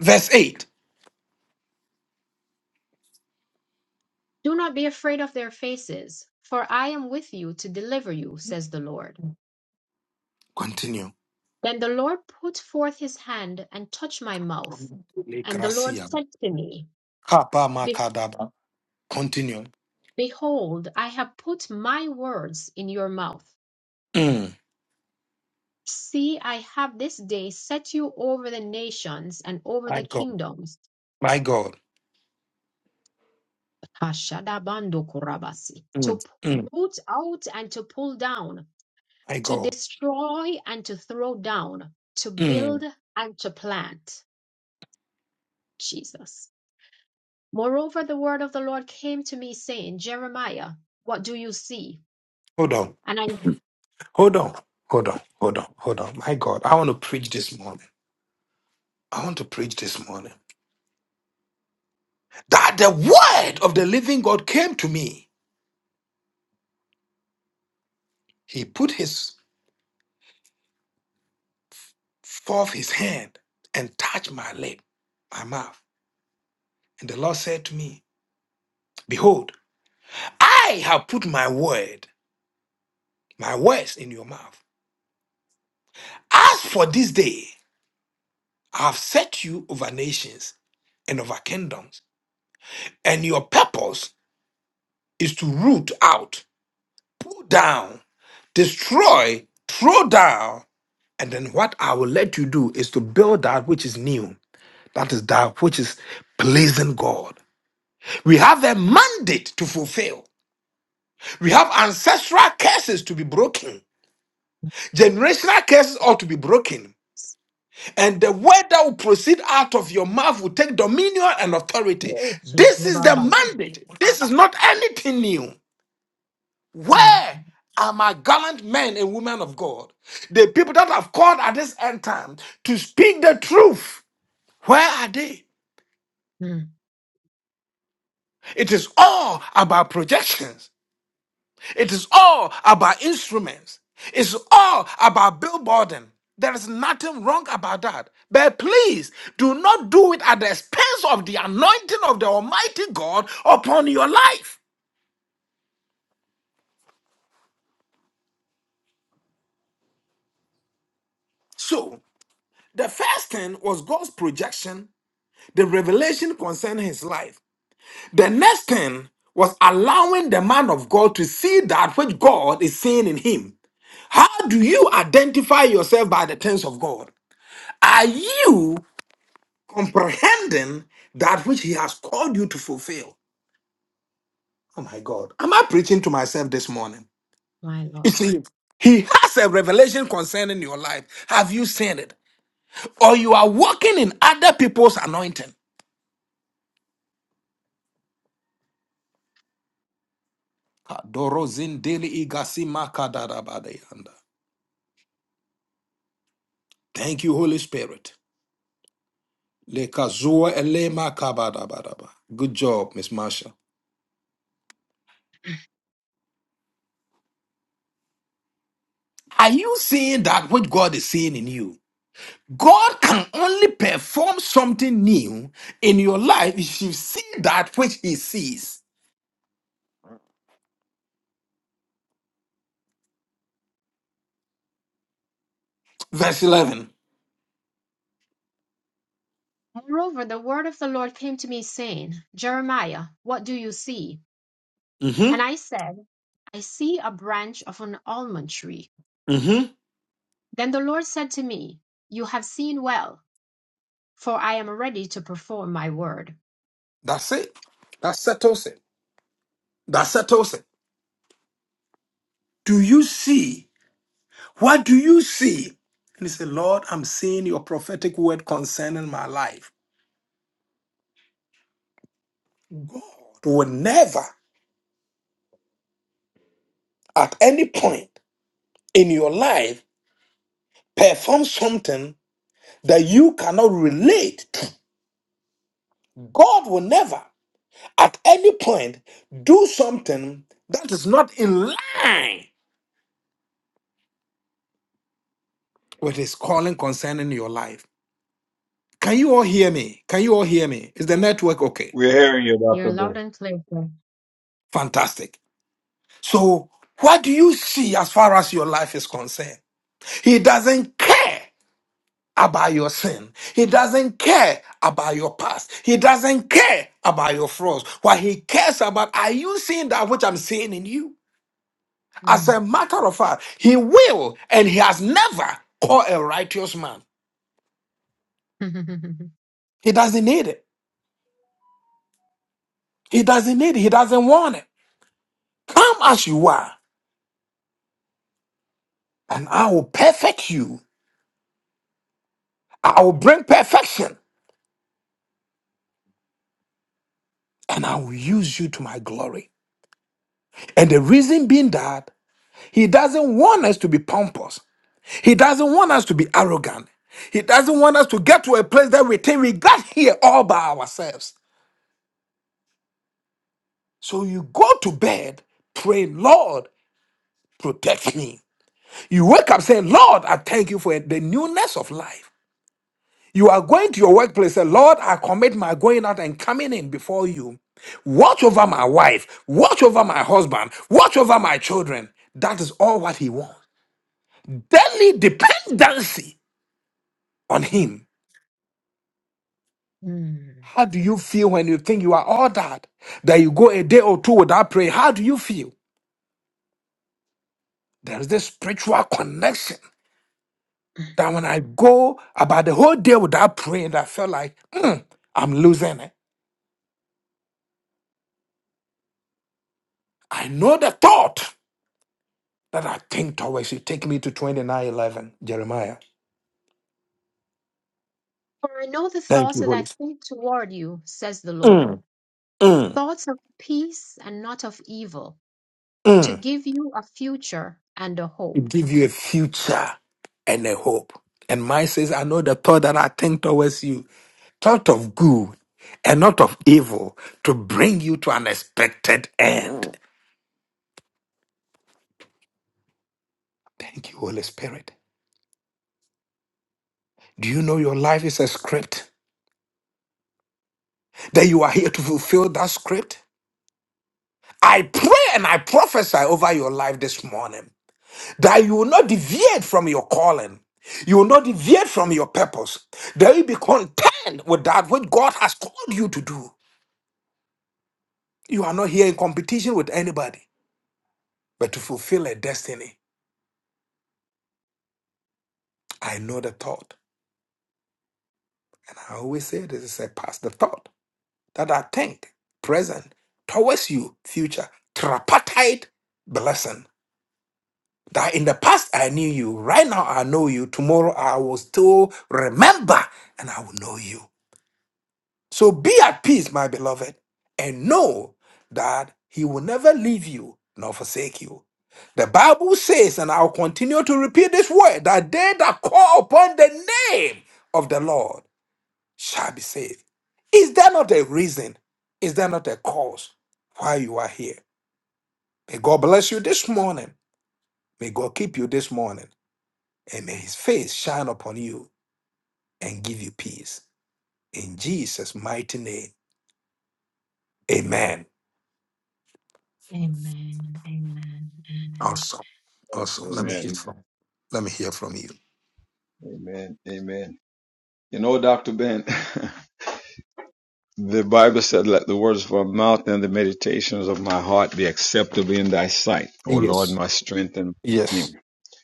[SPEAKER 1] Verse 8.
[SPEAKER 2] Do not be afraid of their faces, for I am with you to deliver you, says the Lord.
[SPEAKER 1] Continue.
[SPEAKER 2] Then the Lord put forth his hand and touched my mouth. And the Lord
[SPEAKER 1] Lekrasia.
[SPEAKER 2] said to me,
[SPEAKER 1] Kapa
[SPEAKER 2] Be-
[SPEAKER 1] makadaba. Continue.
[SPEAKER 2] Behold, I have put my words in your mouth.
[SPEAKER 1] Mm.
[SPEAKER 2] See, I have this day set you over the nations and over the
[SPEAKER 1] Thank God.
[SPEAKER 2] kingdoms
[SPEAKER 1] My God.
[SPEAKER 2] Ashadabandokurabasi,
[SPEAKER 1] Mm,
[SPEAKER 2] to
[SPEAKER 1] mm,
[SPEAKER 2] root out and to pull down
[SPEAKER 1] my
[SPEAKER 2] to
[SPEAKER 1] God.
[SPEAKER 2] destroy and to throw down, to build
[SPEAKER 1] Mm.
[SPEAKER 2] and to plant. Jesus. Moreover, the word of the Lord came to me saying, Jeremiah, what do you see?
[SPEAKER 1] Hold on.
[SPEAKER 2] And I,
[SPEAKER 1] Hold on. Hold on. Hold on. Hold on. My God. I want to preach this morning. I want to preach this morning. That the word of the living God came to me. He put his forth his hand and touched my lip, my mouth. And the Lord said to me, Behold, I have put my word, my words in your mouth. As for this day, I have set you over nations and over kingdoms, and your purpose is to root out, pull down, destroy, throw down. And then what I will let you do is to build that which is new, that is that which is pleasing God. We have a mandate to fulfill. We have ancestral curses to be broken. Generational curses ought to be broken. And the word that will proceed out of your mouth will take dominion and authority. This is the mandate. This is not anything new.
[SPEAKER 2] my,
[SPEAKER 1] Where are my gallant men and women of God? The people that have called at this end time to speak the truth. Where are they?
[SPEAKER 2] mm,
[SPEAKER 1] It is all about projections. It is all about instruments. It's all about billboarding. There is nothing wrong about that. But please do not do it at the expense of the anointing of the Almighty God upon your life. So, the first thing was God's projection, the revelation concerning his life. The next thing was allowing the man of God to see that which God is seeing in him. How do you identify yourself by the things of God? Are you comprehending that which he has called you to fulfill? Oh my God. Am I preaching to myself this morning?
[SPEAKER 2] my
[SPEAKER 1] You
[SPEAKER 2] Lord.
[SPEAKER 1] see, he has a revelation concerning your life. Have you seen it? Or you are walking in other people's anointing. Kadoro zindeli igasi makadarabadeyanda. Thank you, Holy Spirit. Le kazua elema kabadabadaba. Good job, Miss Marsha. Are you seeing that which God is seeing in you? God can only perform something new in your life if you see that which He sees. Verse 11.
[SPEAKER 2] Moreover, the word of the Lord came to me saying, Jeremiah, what do you see? And
[SPEAKER 1] Mm-hmm.
[SPEAKER 2] I said, I see a branch of an almond tree.
[SPEAKER 1] Mm-hmm.
[SPEAKER 2] Then the Lord said to me, You have seen well. for I am ready to perform my word.
[SPEAKER 1] That's it. That settles it. That settles it. Do you see? What do you see? And he said, Lord, I'm seeing your prophetic word concerning my life. God will never, at any point in your life, perform something that you cannot relate to. God will never, at any point, do something that is not in line with His calling concerning your life. Can you all hear me? Can you all hear me? Is the network okay?
[SPEAKER 3] We're hearing you,
[SPEAKER 2] You're
[SPEAKER 3] Dr.
[SPEAKER 2] loud
[SPEAKER 3] Ben.
[SPEAKER 2] and clear. sir.
[SPEAKER 1] Fantastic. So, what do you see as far as your life is concerned? He doesn't care about your sin. He doesn't care about your past. He doesn't care about your flaws. What he cares about, are you seeing that which I'm seeing in you? As
[SPEAKER 2] Mm.
[SPEAKER 1] a matter of fact, he will and he has never called a righteous man.
[SPEAKER 2] <laughs>
[SPEAKER 1] He doesn't need it. He doesn't need it. He doesn't want it. Come as you are, and I will perfect you. I will bring perfection, and I will use you to my glory. And the reason being that he doesn't want us to be pompous. He doesn't want us to be arrogant. He doesn't want us to get to a place that we think we got here all by ourselves. So you go to bed praying, Lord, protect me. You wake up saying, Lord, I thank you for the newness of life. You are going to your workplace, say, Lord, I commit my going out and coming in before you. Watch over my wife, watch over my husband, watch over my children. That is all what he wants. Daily dependency on
[SPEAKER 2] Mm.
[SPEAKER 1] him
[SPEAKER 2] Mm.
[SPEAKER 1] How do you feel when you think you are all that? That you go a day or two without prayer? How do you feel? There is this spiritual connection that when I go about the whole day without praying, I feel like "Mm, I'm losing it. I know the thought that I think towards you. Take me to 29:11, Jeremiah.
[SPEAKER 2] For I know the
[SPEAKER 1] Thank
[SPEAKER 2] thoughts
[SPEAKER 1] you,
[SPEAKER 2] that I
[SPEAKER 1] Holy Spirit.
[SPEAKER 2] think toward you, says the Lord
[SPEAKER 1] Mm, mm,
[SPEAKER 2] thoughts of peace and not of evil, to
[SPEAKER 1] mm.
[SPEAKER 2] give you a future and a
[SPEAKER 1] It
[SPEAKER 2] hope.
[SPEAKER 1] give you a future and a hope. And mine says, I know the thought that I think towards you thought of good and not of evil to bring you to an expected end. Thank you, Holy Spirit. Do you know your life is a script? That you are here to fulfill that script? I pray and I prophesy over your life this morning that you will not deviate from your calling. You will not deviate from your purpose. That you be content with that which God has called you to do. You are not here in competition with anybody, but to fulfill a destiny. I know the thought. I always say this is a past the thought that I think present towards you, future, tripartite blessing. That in the past I knew you, right now I know you, tomorrow I will still remember and I will know you. So be at peace, my beloved, and know that He will never leave you nor forsake you. The Bible says, and I'll continue to repeat this word, that they that call upon the name of the Lord shall be saved. Is there not a reason? Is there not a cause why you are here? May God bless you this morning. May God keep you this morning. And may his face shine upon you and give you peace. In Jesus' mighty name. Amen.
[SPEAKER 2] Amen. Amen. Amen.
[SPEAKER 1] Awesome. Awesome. Let me
[SPEAKER 3] Amen.
[SPEAKER 1] hear from let me hear from you.
[SPEAKER 3] Amen. Amen. You know, Dr. Ben, <laughs> the Bible said, let the words of my mouth and the meditations of my heart be acceptable in thy sight. O Lord,
[SPEAKER 1] Yes.
[SPEAKER 3] my strength and my
[SPEAKER 1] Yes.
[SPEAKER 3] redeemer.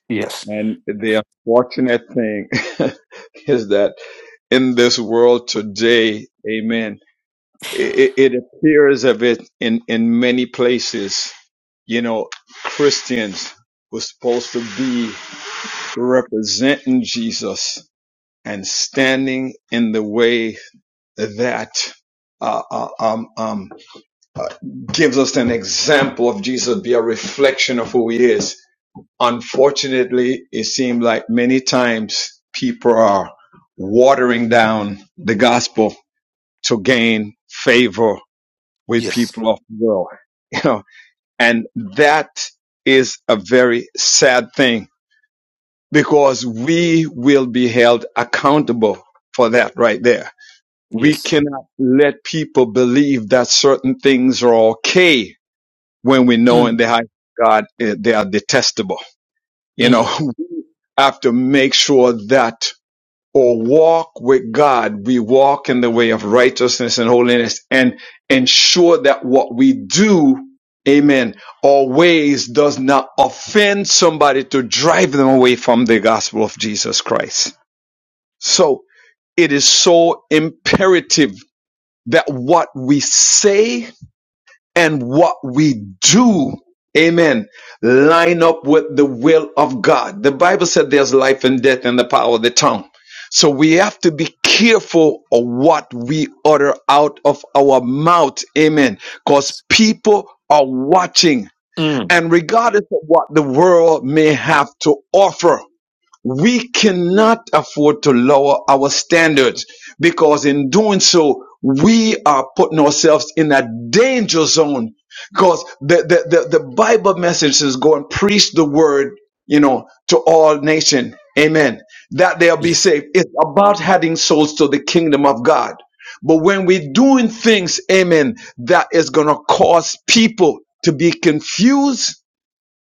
[SPEAKER 1] Yes.
[SPEAKER 3] And the unfortunate thing <laughs> is that in this world today, amen. it, it appears of it in, in many places, you know, Christians were supposed to be representing Jesus and standing in the way that uh, uh, um, um, uh, gives us an example of Jesus, be a reflection of who he is. Unfortunately, it seems like many times people are watering down the gospel to gain favor with
[SPEAKER 1] Yes.
[SPEAKER 3] people of the world, you know, and that is a very sad thing because we will be held accountable for that right there. We
[SPEAKER 1] Yes.
[SPEAKER 3] cannot let people believe that certain things are okay when we know
[SPEAKER 1] Mm,
[SPEAKER 3] in the high God eh, they are detestable. You know,
[SPEAKER 1] mm.
[SPEAKER 3] <laughs> we have to make sure that or walk with God, we walk in the way of righteousness and holiness and ensure that what we do, amen, always does not offend somebody to drive them away from the gospel of Jesus Christ. So it is so imperative that what we say and what we do. Amen. Line up with the will of God. The Bible said there's life and death in the power of the tongue. So we have to be careful of what we utter out of our mouth. Amen. Because people are watching and regardless of what the world may have to offer we cannot afford to lower our standards because in doing so, we are putting ourselves in a danger zone because the, the, the, the Bible message is going preach the word, you know, to all nation. Amen. That they'll be
[SPEAKER 1] Yes.
[SPEAKER 3] saved. It's about adding souls to the kingdom of God. But when we're doing things, amen, that is going to cause people to be confused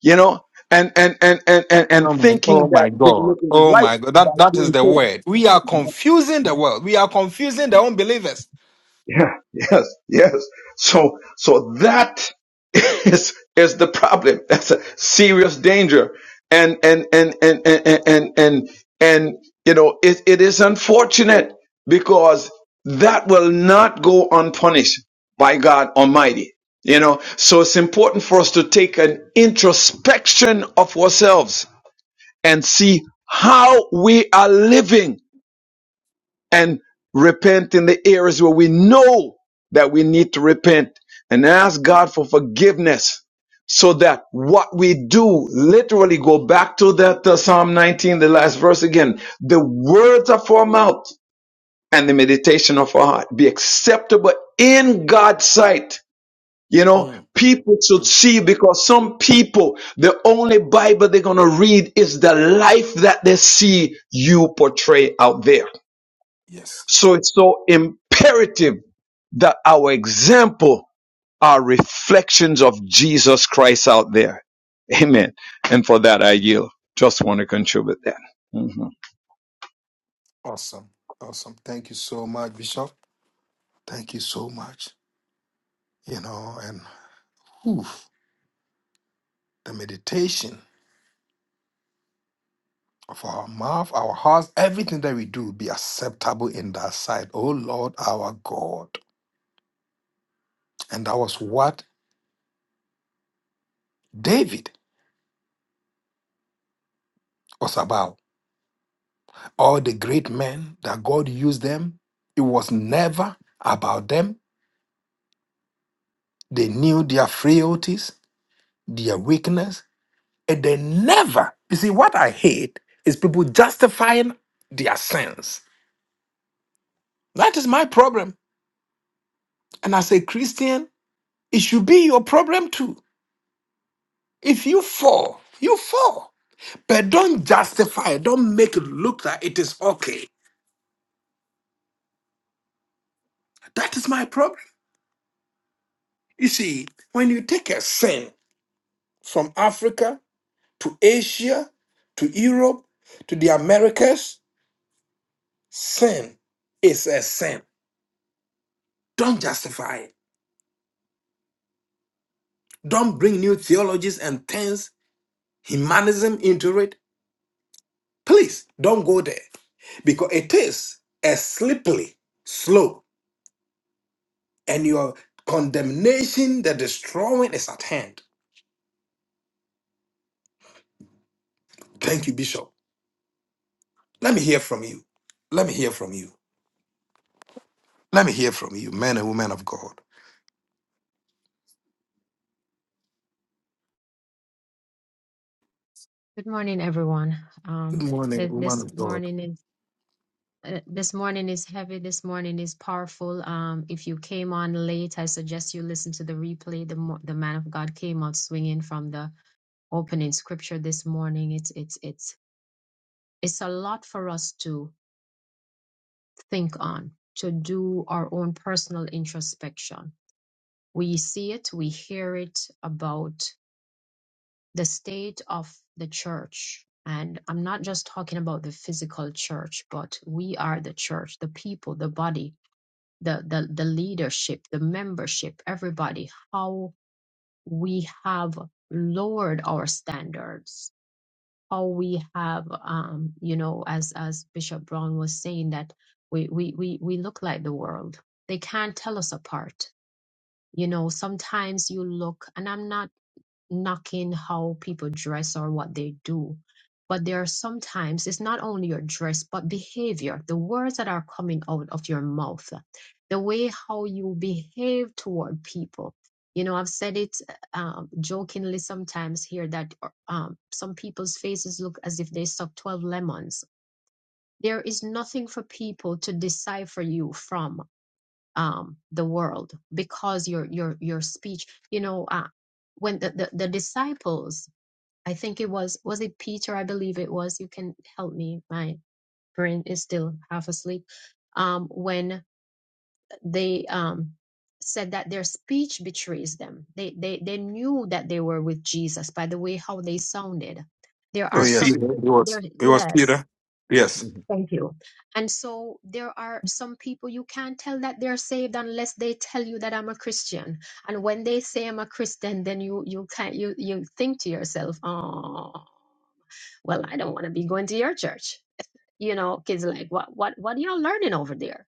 [SPEAKER 3] you know, and and and and and,
[SPEAKER 1] Oh
[SPEAKER 3] and
[SPEAKER 1] my,
[SPEAKER 3] thinking
[SPEAKER 1] oh
[SPEAKER 3] that
[SPEAKER 1] my
[SPEAKER 3] they're
[SPEAKER 1] God.
[SPEAKER 3] living
[SPEAKER 1] Oh
[SPEAKER 3] right
[SPEAKER 1] my God.
[SPEAKER 3] by
[SPEAKER 1] That, that is
[SPEAKER 3] doing
[SPEAKER 1] the
[SPEAKER 3] things.
[SPEAKER 1] word. We are
[SPEAKER 3] you know. <laughs>
[SPEAKER 1] confusing the world. We are confusing the unbelievers.
[SPEAKER 3] Yeah, yes, yes. So so that <laughs> is is the problem. That's a serious danger. And and and and and and and, and, and you know it, it is unfortunate because that will not go unpunished by God Almighty. You know, so it's important for us to take an introspection of ourselves and see how we are living and repent in the areas where we know that we need to repent and ask God for forgiveness so that what we do literally go back to that uh, Psalm 19, the last verse again. The words of our mouth and the meditation of our heart be acceptable in God's sight you know,
[SPEAKER 1] Mm,
[SPEAKER 3] people should
[SPEAKER 1] mm.
[SPEAKER 3] see because some people, the only Bible they're going to read is the life that they see you portray out there.
[SPEAKER 1] Yes.
[SPEAKER 3] So it's so imperative that our example are reflections of Jesus Christ out there. Amen. And for that, I yield. Just want to contribute that. Mhm.
[SPEAKER 1] Awesome. Awesome. Thank you so much, Bishop. Thank you so much. You know, and oof, the meditation of our mouth, our hearts, everything that we do be acceptable in thy sight. Oh Lord, our God. And that was what David was about. All the great men that God used them, it was never about them They knew their frailties, their weakness, and they never. You see, what I hate is people justifying their sins. That is my problem. And as a Christian, it should be your problem too. If you fall, you fall. But don't justify it. Don't make it look like it is okay. That is my problem. You see, when you take a sin from Africa to Asia to Europe to the Americas, sin is a sin. Don't justify it. Don't bring new theologies and things, humanism into it. Please don't go there because it is a slippery slope and your condemnation, the destroying is at hand. Thank you, Bishop. Let me hear from you. Let me hear from you. Let me hear from you, man and woman of God.
[SPEAKER 2] Good morning, everyone.
[SPEAKER 1] Good
[SPEAKER 2] Um,
[SPEAKER 1] morning,
[SPEAKER 2] th-
[SPEAKER 1] woman
[SPEAKER 2] this
[SPEAKER 1] of God.
[SPEAKER 2] morning uh, this morning is heavy. This morning is powerful. Um, if you came on late, I suggest you listen to the replay. The mo- the man of God came out swinging from the opening scripture this morning. It's it's it's it's a lot for us to think on, to do our own personal introspection. We see it, we hear it about the state of the church. And I'm not just talking about the physical church, but we are the church, the people, the body the the, the leadership the membership everybody how we have lowered our standards how we have um you know as as bishop brown was saying that we we we, we look like the world they can't tell us apart you know sometimes you look and i'm not knocking how people dress or what they do. But there are sometimes it's not only your dress, but behavior, the words that are coming out of your mouth, the way how you behave toward people. You know, I've said it um, jokingly sometimes here that um, some people's faces look as if they sucked 12 lemons. There is nothing for people to decipher you from um, the world because your your your speech. You know, uh, when the, the, the disciples I think it was was it Peter? I believe it was. You can help me. My brain is still half asleep. Um, when they um said that their speech betrays them, they they they knew that they were with Jesus by the way how they sounded. There
[SPEAKER 1] Oh,
[SPEAKER 2] are
[SPEAKER 3] It's Peter.
[SPEAKER 1] yes. It
[SPEAKER 2] some
[SPEAKER 1] was,
[SPEAKER 2] there
[SPEAKER 1] it was
[SPEAKER 2] yes.
[SPEAKER 1] Peter. Yes.
[SPEAKER 2] Thank you. And so there are some people you can't tell that they're saved unless they tell you that I'm a Christian. And when they say I'm a Christian, then you you can't you you think to yourself, oh well i don't want to be going to your church you know kids are like what what what are y'all learning over there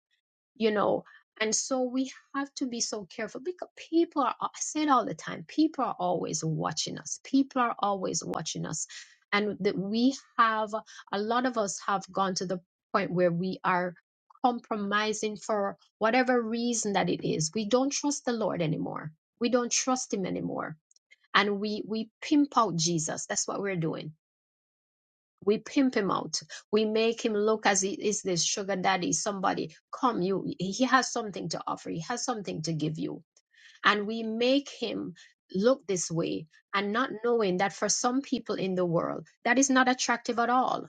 [SPEAKER 2] you know and so we have to be so careful because people are i say it all the time people are always watching us people are always watching us and that we have a lot of us have gone to the point where we are compromising for whatever reason that it is we don't trust the lord anymore we don't trust him anymore and we we pimp out jesus that's what we're doing we pimp him out we make him look as he is this sugar daddy somebody come you he has something to offer he has something to give you and we make him look this way and not knowing that for some people in the world that is not attractive at all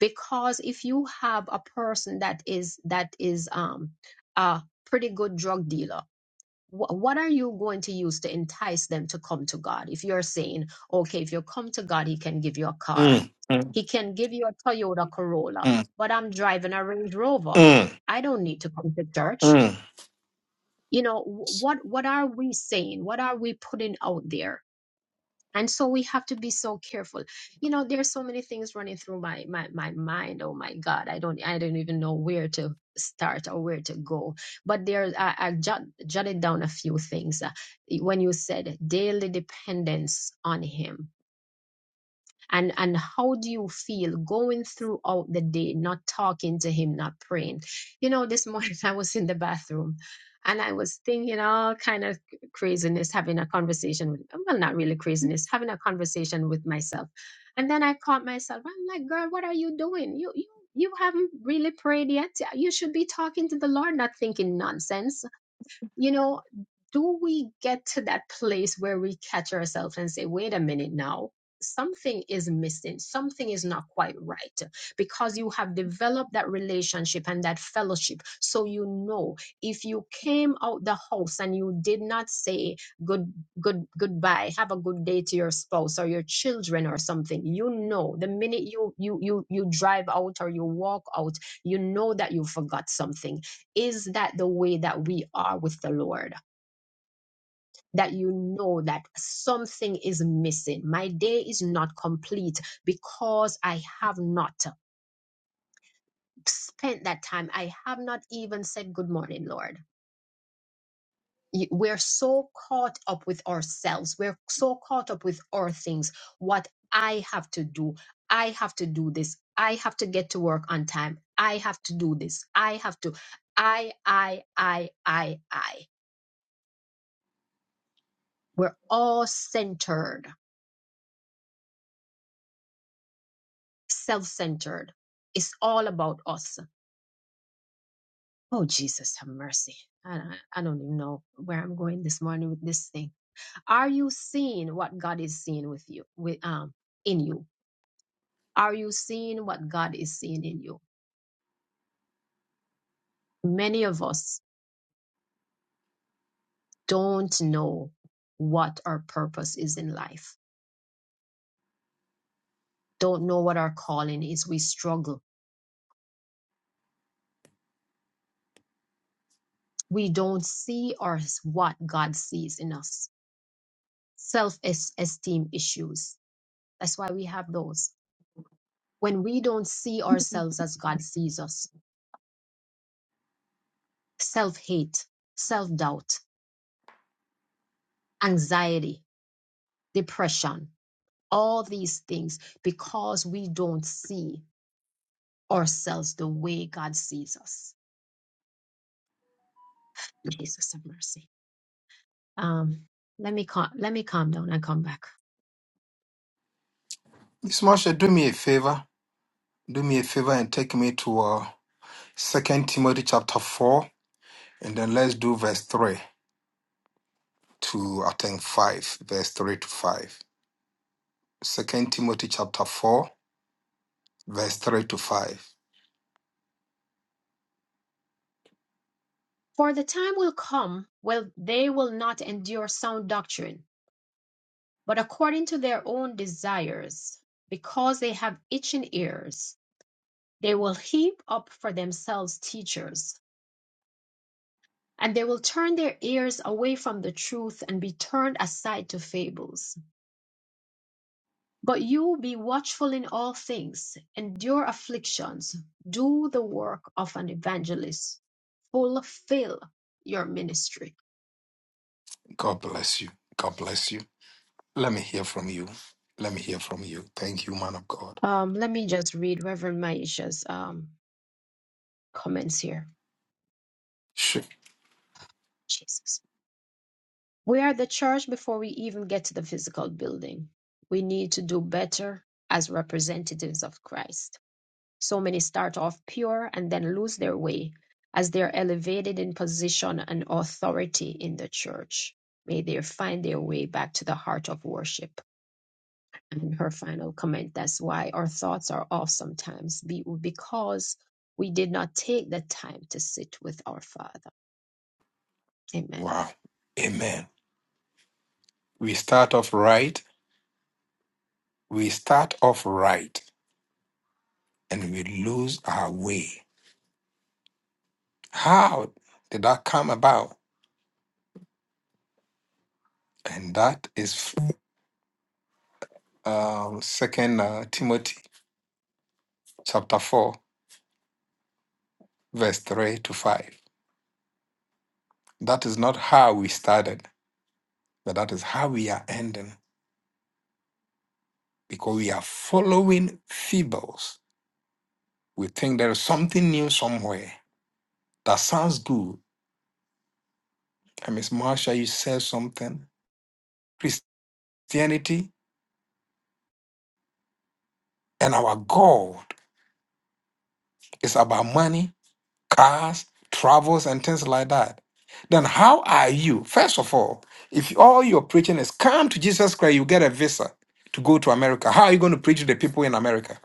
[SPEAKER 2] because if you have a person that is that is um a pretty good drug dealer wh- what are you going to use to entice them to come to God? If you're saying, okay, if you come to God, He can give you a car,
[SPEAKER 1] Mm, mm,
[SPEAKER 2] He can give you a Toyota Corolla,
[SPEAKER 1] mm,
[SPEAKER 2] but I'm driving a Range Rover.
[SPEAKER 1] mm,
[SPEAKER 2] I don't need to come to church.
[SPEAKER 1] mm.
[SPEAKER 2] You know wh- what? What are we saying? What are we putting out there? and so we have to be so careful you know There are so many things running through my my my mind oh my god i don't i don't even know where to start or where to go but there i, I jot, jotted down a few things Uh, when you said daily dependence on him and and how do you feel going throughout the day not talking to him not praying you know this morning <laughs> i was in the bathroom and i was thinking all kind of craziness having a conversation with well not really craziness having a conversation with myself and then i caught myself i'm like girl what are you doing you you you haven't really prayed yet you should be talking to the lord not thinking nonsense you know, do we get to that place where we catch ourselves and say, wait a minute now, something is missing, something is not quite right? Because you have developed that relationship and that fellowship. So you know if you came out the house and you did not say good good goodbye, have a good day to your spouse or your children or something, you know the minute you you you you drive out or you walk out, you know that you forgot something is that the way that we are with the Lord? That you know that something is missing. My day is not complete because I have not spent that time. I have not even said good morning, Lord. We're so caught up with ourselves. We're so caught up with our things. What I have to do. I have to do this. I have to get to work on time. I have to do this. I have to. I, I, I, I, I. We're all centered, self centered. It's all about us. Oh, Jesus, have mercy. I, I don't even know where I'm going this morning with this thing. Are you seeing what God is seeing with you, with, um, in you? Are you seeing what God is seeing in you? Many of us don't know what our purpose is in life, don't know what our calling is. We struggle. We don't see or what God sees in us. Self esteem issues That's why we have those. When we don't see ourselves as God sees us, self hate, self doubt, anxiety, depression, all these things because we don't see ourselves the way God sees us. Jesus have mercy. Um, let me cal- let me calm down and come back.
[SPEAKER 1] Miss Marsha, do me a favor. do me a favor and take me to uh, 2 Timothy chapter 4, and then let's do verse 3 to, I think, 5, verse 3 to 5. Second Timothy chapter 4, verse 3 to 5.
[SPEAKER 2] For the time will come when they will not endure sound doctrine, but according to their own desires, because they have itching ears They will heap up for themselves teachers, and they will turn their ears away from the truth and be turned aside to fables. But you be watchful in all things, endure afflictions, do the work of an evangelist, fulfill your ministry.
[SPEAKER 1] God bless you. God bless you. Let me hear from you. Let me hear from you. Thank you, man of God.
[SPEAKER 2] Um, let me just read Reverend Maisha's um, comments here.
[SPEAKER 1] Sure.
[SPEAKER 2] Jesus. We are the church before we even get to the physical building. We need to do better as representatives of Christ. So many start off pure and then lose their way as they are elevated in position and authority in the church. May they find their way back to the heart of worship. And her final comment that's why our thoughts are off sometimes be- because we did not take the time to sit with our Father. Amen.
[SPEAKER 1] Wow. Amen. We start off right. We start off right and we lose our way. How did that come about? And that is um, Second uh, Timothy chapter four, verse three to five. That is not how we started, but that is how we are ending because we are following fables. We think there is something new somewhere that sounds good. And Miss Marsha, you said something. Christianity and our God is about money cars, travels, and things like that, then how are you? First of all, if all your preaching is come to Jesus Christ, you get a visa to go to America. How are you going to preach to the people in America?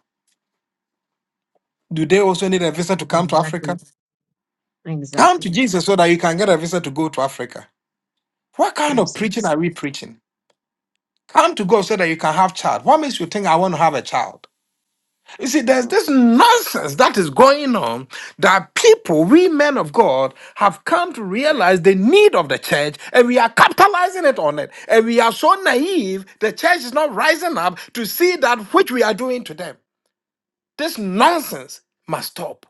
[SPEAKER 1] Do they also need a visa to come to
[SPEAKER 2] Exactly.
[SPEAKER 1] Africa? Come to
[SPEAKER 2] Exactly.
[SPEAKER 1] Jesus so that you can get a visa to go to Africa. What kind of preaching
[SPEAKER 2] Craziness.
[SPEAKER 1] are we preaching? Come to God so that you can have child. What makes you think I want to have a child? You see, there's this nonsense that is going on that people, we men of God, have come to realize the need of the church and we are capitalizing it on it. And we are so naive, the church is not rising up to see that which we are doing to them. This nonsense must stop.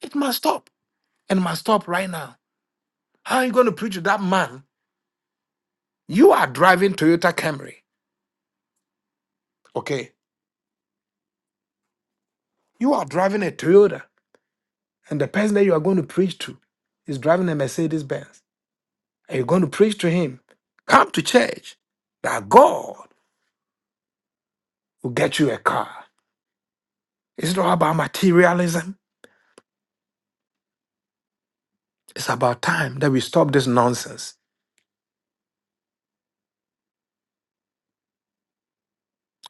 [SPEAKER 1] It must stop and must stop right now. How are you going to preach to that man? You are driving Toyota Camry, okay? You are driving a Toyota, and the person that you are going to preach to is driving a Mercedes Benz. and you're going to preach to him, come to church that God will get you a car. It's not about materialism. It's about time that we stop this nonsense.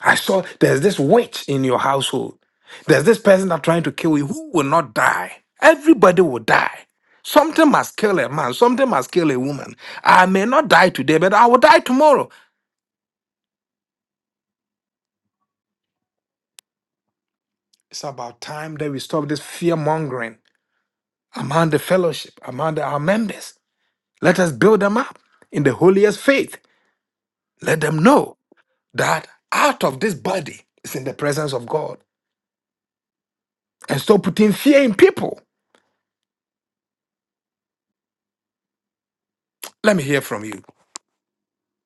[SPEAKER 1] I saw there's this witch in your household. There's this person that's trying to kill you who will not die. Everybody will die. Something must kill a man. Something must kill a woman. I may not die today, but I will die tomorrow. It's about time that we stop this fear mongering among the fellowship, among the- our members. Let us build them up in the holiest faith. Let them know that out of this body is in the presence of God. And stop putting fear in people. Let me hear from you.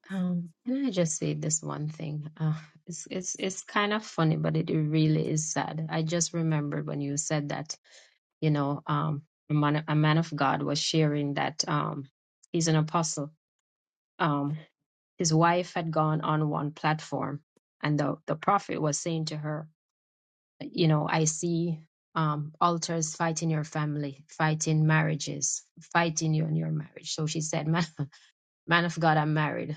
[SPEAKER 2] Um, can I just say this one thing? Uh, it's it's it's kind of funny, but it really is sad. I just remembered when you said that, you know, um, a man, a man of God was sharing that um, he's an apostle. Um, his wife had gone on one platform, and the the prophet was saying to her, you know, I see um, altars fighting your family, fighting marriages, fighting you and your marriage. So she said, man, <laughs> man of God, I'm married.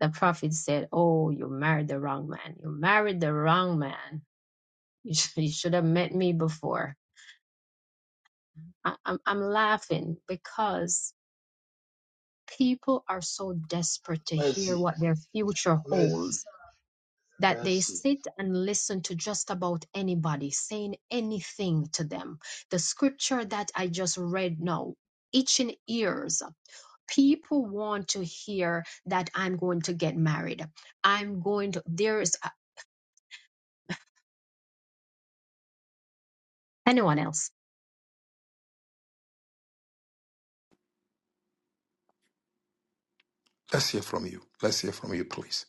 [SPEAKER 2] the prophet said, Oh, you married the wrong man. You married the wrong man. You should, you should have met me before. I, I'm, I'm laughing because people are so desperate to hear
[SPEAKER 4] Mercy,
[SPEAKER 2] what their future
[SPEAKER 4] mercy,
[SPEAKER 2] holds that they
[SPEAKER 4] mercy.
[SPEAKER 2] sit and listen to just about anybody saying anything to them. The scripture that I just read now, itching ears. People want to hear that I'm going to get married. I'm going to, there is anyone else.
[SPEAKER 1] Let's hear from you. Let's hear from you, please.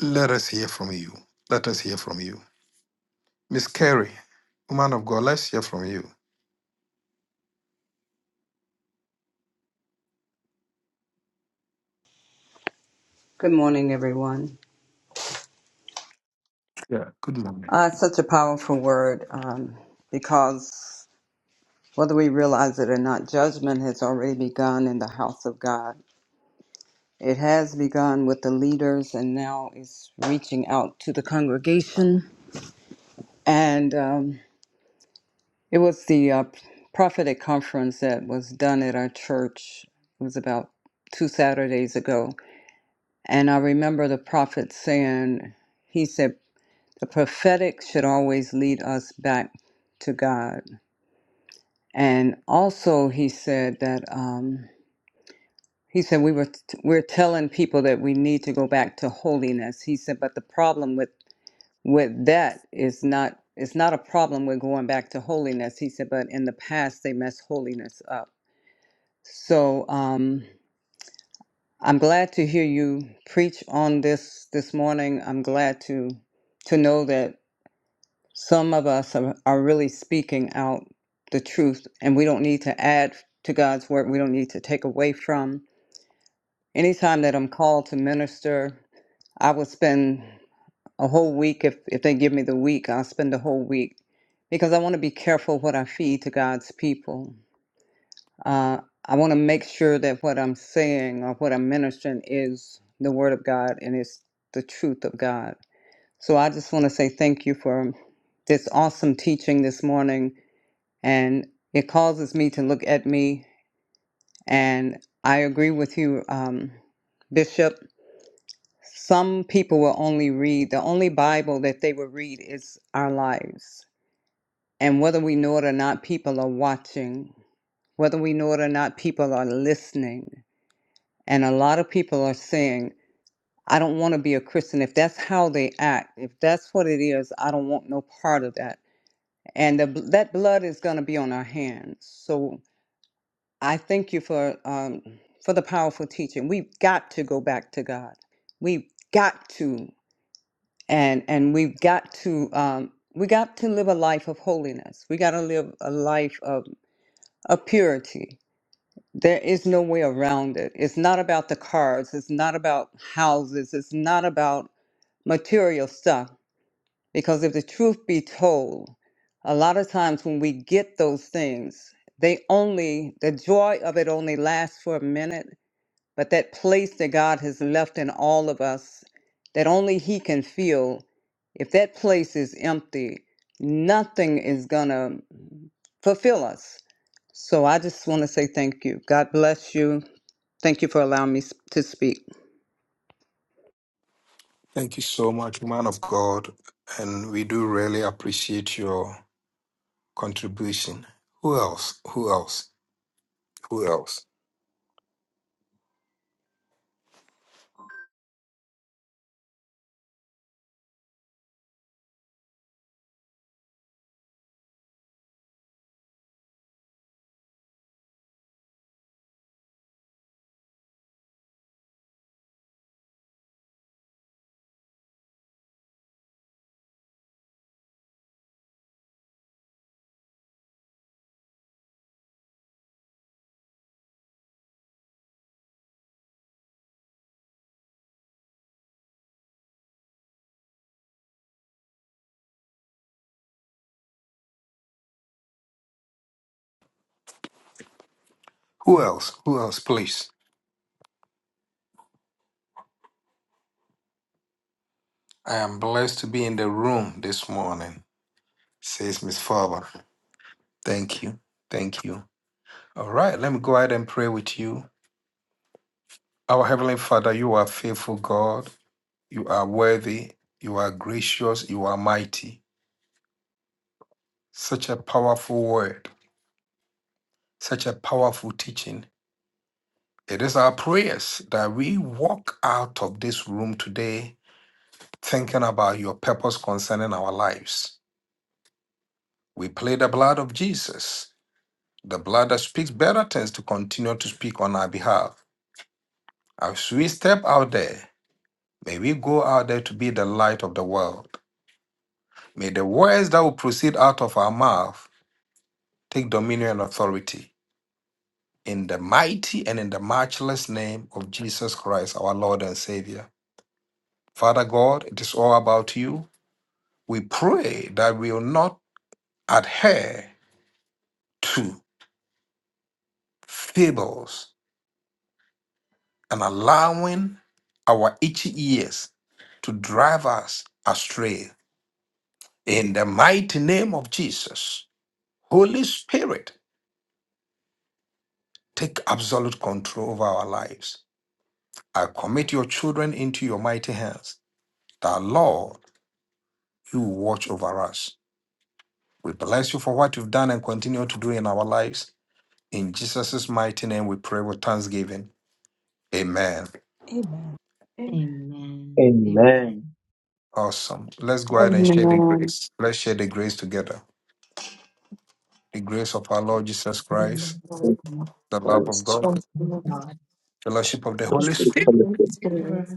[SPEAKER 1] Let us hear from you. Let us hear from you. Miss Carey, woman of God, let's hear from you.
[SPEAKER 5] Good morning, everyone.
[SPEAKER 1] Yeah, good morning.
[SPEAKER 5] Uh, it's such a powerful word um, because whether we realize it or not, judgment has already begun in the house of God. It has begun with the leaders and now is reaching out to the congregation. And um, it was the uh, prophetic conference that was done at our church. It was about two Saturdays ago. And I remember the prophet saying, he said, The prophetic should always lead us back to God. And also, he said that um, he said we were t- we're telling people that we need to go back to holiness. He said, but the problem with with that is not it's not a problem with going back to holiness. He said, but in the past they messed holiness up. So um, I'm glad to hear you preach on this this morning. I'm glad to to know that Some of us are, are really speaking out the truth, and we don't need to add to God's word. We don't need to take away from. Anytime that I'm called to minister, I will spend a whole week, if, if they give me the week, I'll spend the whole week because I want to be careful what I feed to God's people. Uh, I want to make sure that what I'm saying or what I'm ministering is the word of God and is the truth of God. So I just want to say thank you for this awesome teaching this morning. and it causes me to look at me. And I agree with you, um, Bishop. Some people will only read, the only Bible that they will read is our lives. And whether we know it or not, people are watching. Whether we know it or not, people are listening. And a lot of people are saying, I don't want to be a Christian. If that's how they act, if that's what it is, I don't want no part of that. And the, that blood is going to be on our hands. So I thank you for um, for the powerful teaching. We've got to go back to God. We've got to, and and we've got to um, we got to live a life of holiness. We got to live a life of of purity. There is no way around it. It's not about the cars. It's not about houses. It's not about material stuff. Because if the truth be told, a lot of times when we get those things, they only the joy of it only lasts for a minute but that place that God has left in all of us, that only He can fill, if that place is empty, nothing is going to fulfill us. So I just want to say thank you. God bless you. Thank you for allowing me s- to speak.
[SPEAKER 1] Thank you so much, woman of God. And we do really appreciate your contribution. Who else? Who else? Who else? Who else? Who else, please? I am blessed to be in the room this morning, says Miss Farber. Thank you. Thank you. All right, let me go ahead and pray with you. Our Heavenly Father, you are faithful God. You are worthy. You are gracious. You are mighty. Such a powerful word, such a powerful teaching. It is our prayers that we walk out of this room today thinking about your purpose concerning our lives. We play the blood of Jesus The blood that speaks better things to continue to speak on our behalf. As we step out there, may we go out there to be the light of the world. May the words that will proceed out of our mouth take dominion and authority. In the mighty and in the matchless name of Jesus Christ, our Lord and Savior. Father God, it is all about you. We pray that we will not adhere to fables and allowing our itchy ears to drive us astray. In the mighty name of Jesus, Holy Spirit, take absolute control of our lives. I commit your children into your mighty hands. That Lord, you will watch over us. We bless you for what you've done and continue to do in our lives. In Jesus' mighty name, we pray with thanksgiving. Amen.
[SPEAKER 6] Amen. Amen.
[SPEAKER 2] Amen. Amen.
[SPEAKER 7] Amen.
[SPEAKER 1] Awesome. Let's go ahead and share the
[SPEAKER 8] Amen.
[SPEAKER 1] grace. Let's share the grace together. The grace of our Lord Jesus
[SPEAKER 8] Thank you,
[SPEAKER 1] Christ
[SPEAKER 7] Praise
[SPEAKER 8] Lord.
[SPEAKER 2] Amen.
[SPEAKER 1] The love of
[SPEAKER 7] Christ.
[SPEAKER 1] God,
[SPEAKER 8] Thank
[SPEAKER 2] Thank
[SPEAKER 8] you,
[SPEAKER 2] you,
[SPEAKER 8] Lord.
[SPEAKER 2] God.
[SPEAKER 1] the fellowship of the
[SPEAKER 7] Let's
[SPEAKER 8] Thank
[SPEAKER 1] Holy
[SPEAKER 2] The
[SPEAKER 7] pray
[SPEAKER 1] Spirit,
[SPEAKER 7] for the
[SPEAKER 2] good
[SPEAKER 6] All
[SPEAKER 2] spirit
[SPEAKER 8] you,
[SPEAKER 6] right.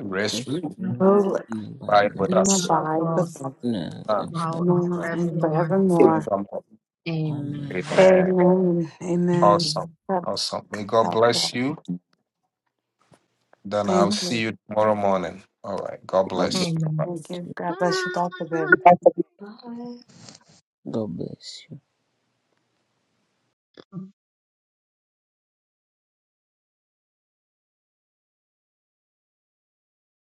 [SPEAKER 1] rest
[SPEAKER 9] It's
[SPEAKER 1] rule,
[SPEAKER 6] Now,
[SPEAKER 9] in
[SPEAKER 6] Father,
[SPEAKER 8] Lord.
[SPEAKER 6] the
[SPEAKER 9] the
[SPEAKER 1] abide
[SPEAKER 9] Bible
[SPEAKER 1] with
[SPEAKER 9] that
[SPEAKER 8] and
[SPEAKER 7] goodness.
[SPEAKER 1] us
[SPEAKER 6] flower
[SPEAKER 2] of
[SPEAKER 8] abide
[SPEAKER 2] God,
[SPEAKER 8] with us
[SPEAKER 6] first.
[SPEAKER 9] love
[SPEAKER 1] now
[SPEAKER 9] and for
[SPEAKER 2] now and
[SPEAKER 8] now and
[SPEAKER 2] forevermore.
[SPEAKER 1] and
[SPEAKER 8] forevermore.
[SPEAKER 7] Amen.
[SPEAKER 1] forevermore.
[SPEAKER 9] all men.
[SPEAKER 2] Amen.
[SPEAKER 1] Amen.
[SPEAKER 8] Amen. Amen.
[SPEAKER 1] Awesome.
[SPEAKER 2] Amen.
[SPEAKER 8] God,
[SPEAKER 1] Awesome. May God
[SPEAKER 8] God, God.
[SPEAKER 1] bless you. Then I'll
[SPEAKER 8] Thank
[SPEAKER 1] see
[SPEAKER 8] you.
[SPEAKER 1] you tomorrow morning. All right. God
[SPEAKER 9] God bless
[SPEAKER 1] bless.
[SPEAKER 2] Amen.
[SPEAKER 8] Thank you.
[SPEAKER 9] you.
[SPEAKER 8] God bless you, both Dr. Ben.
[SPEAKER 6] Bye.
[SPEAKER 9] God bless you.
[SPEAKER 2] <laughs>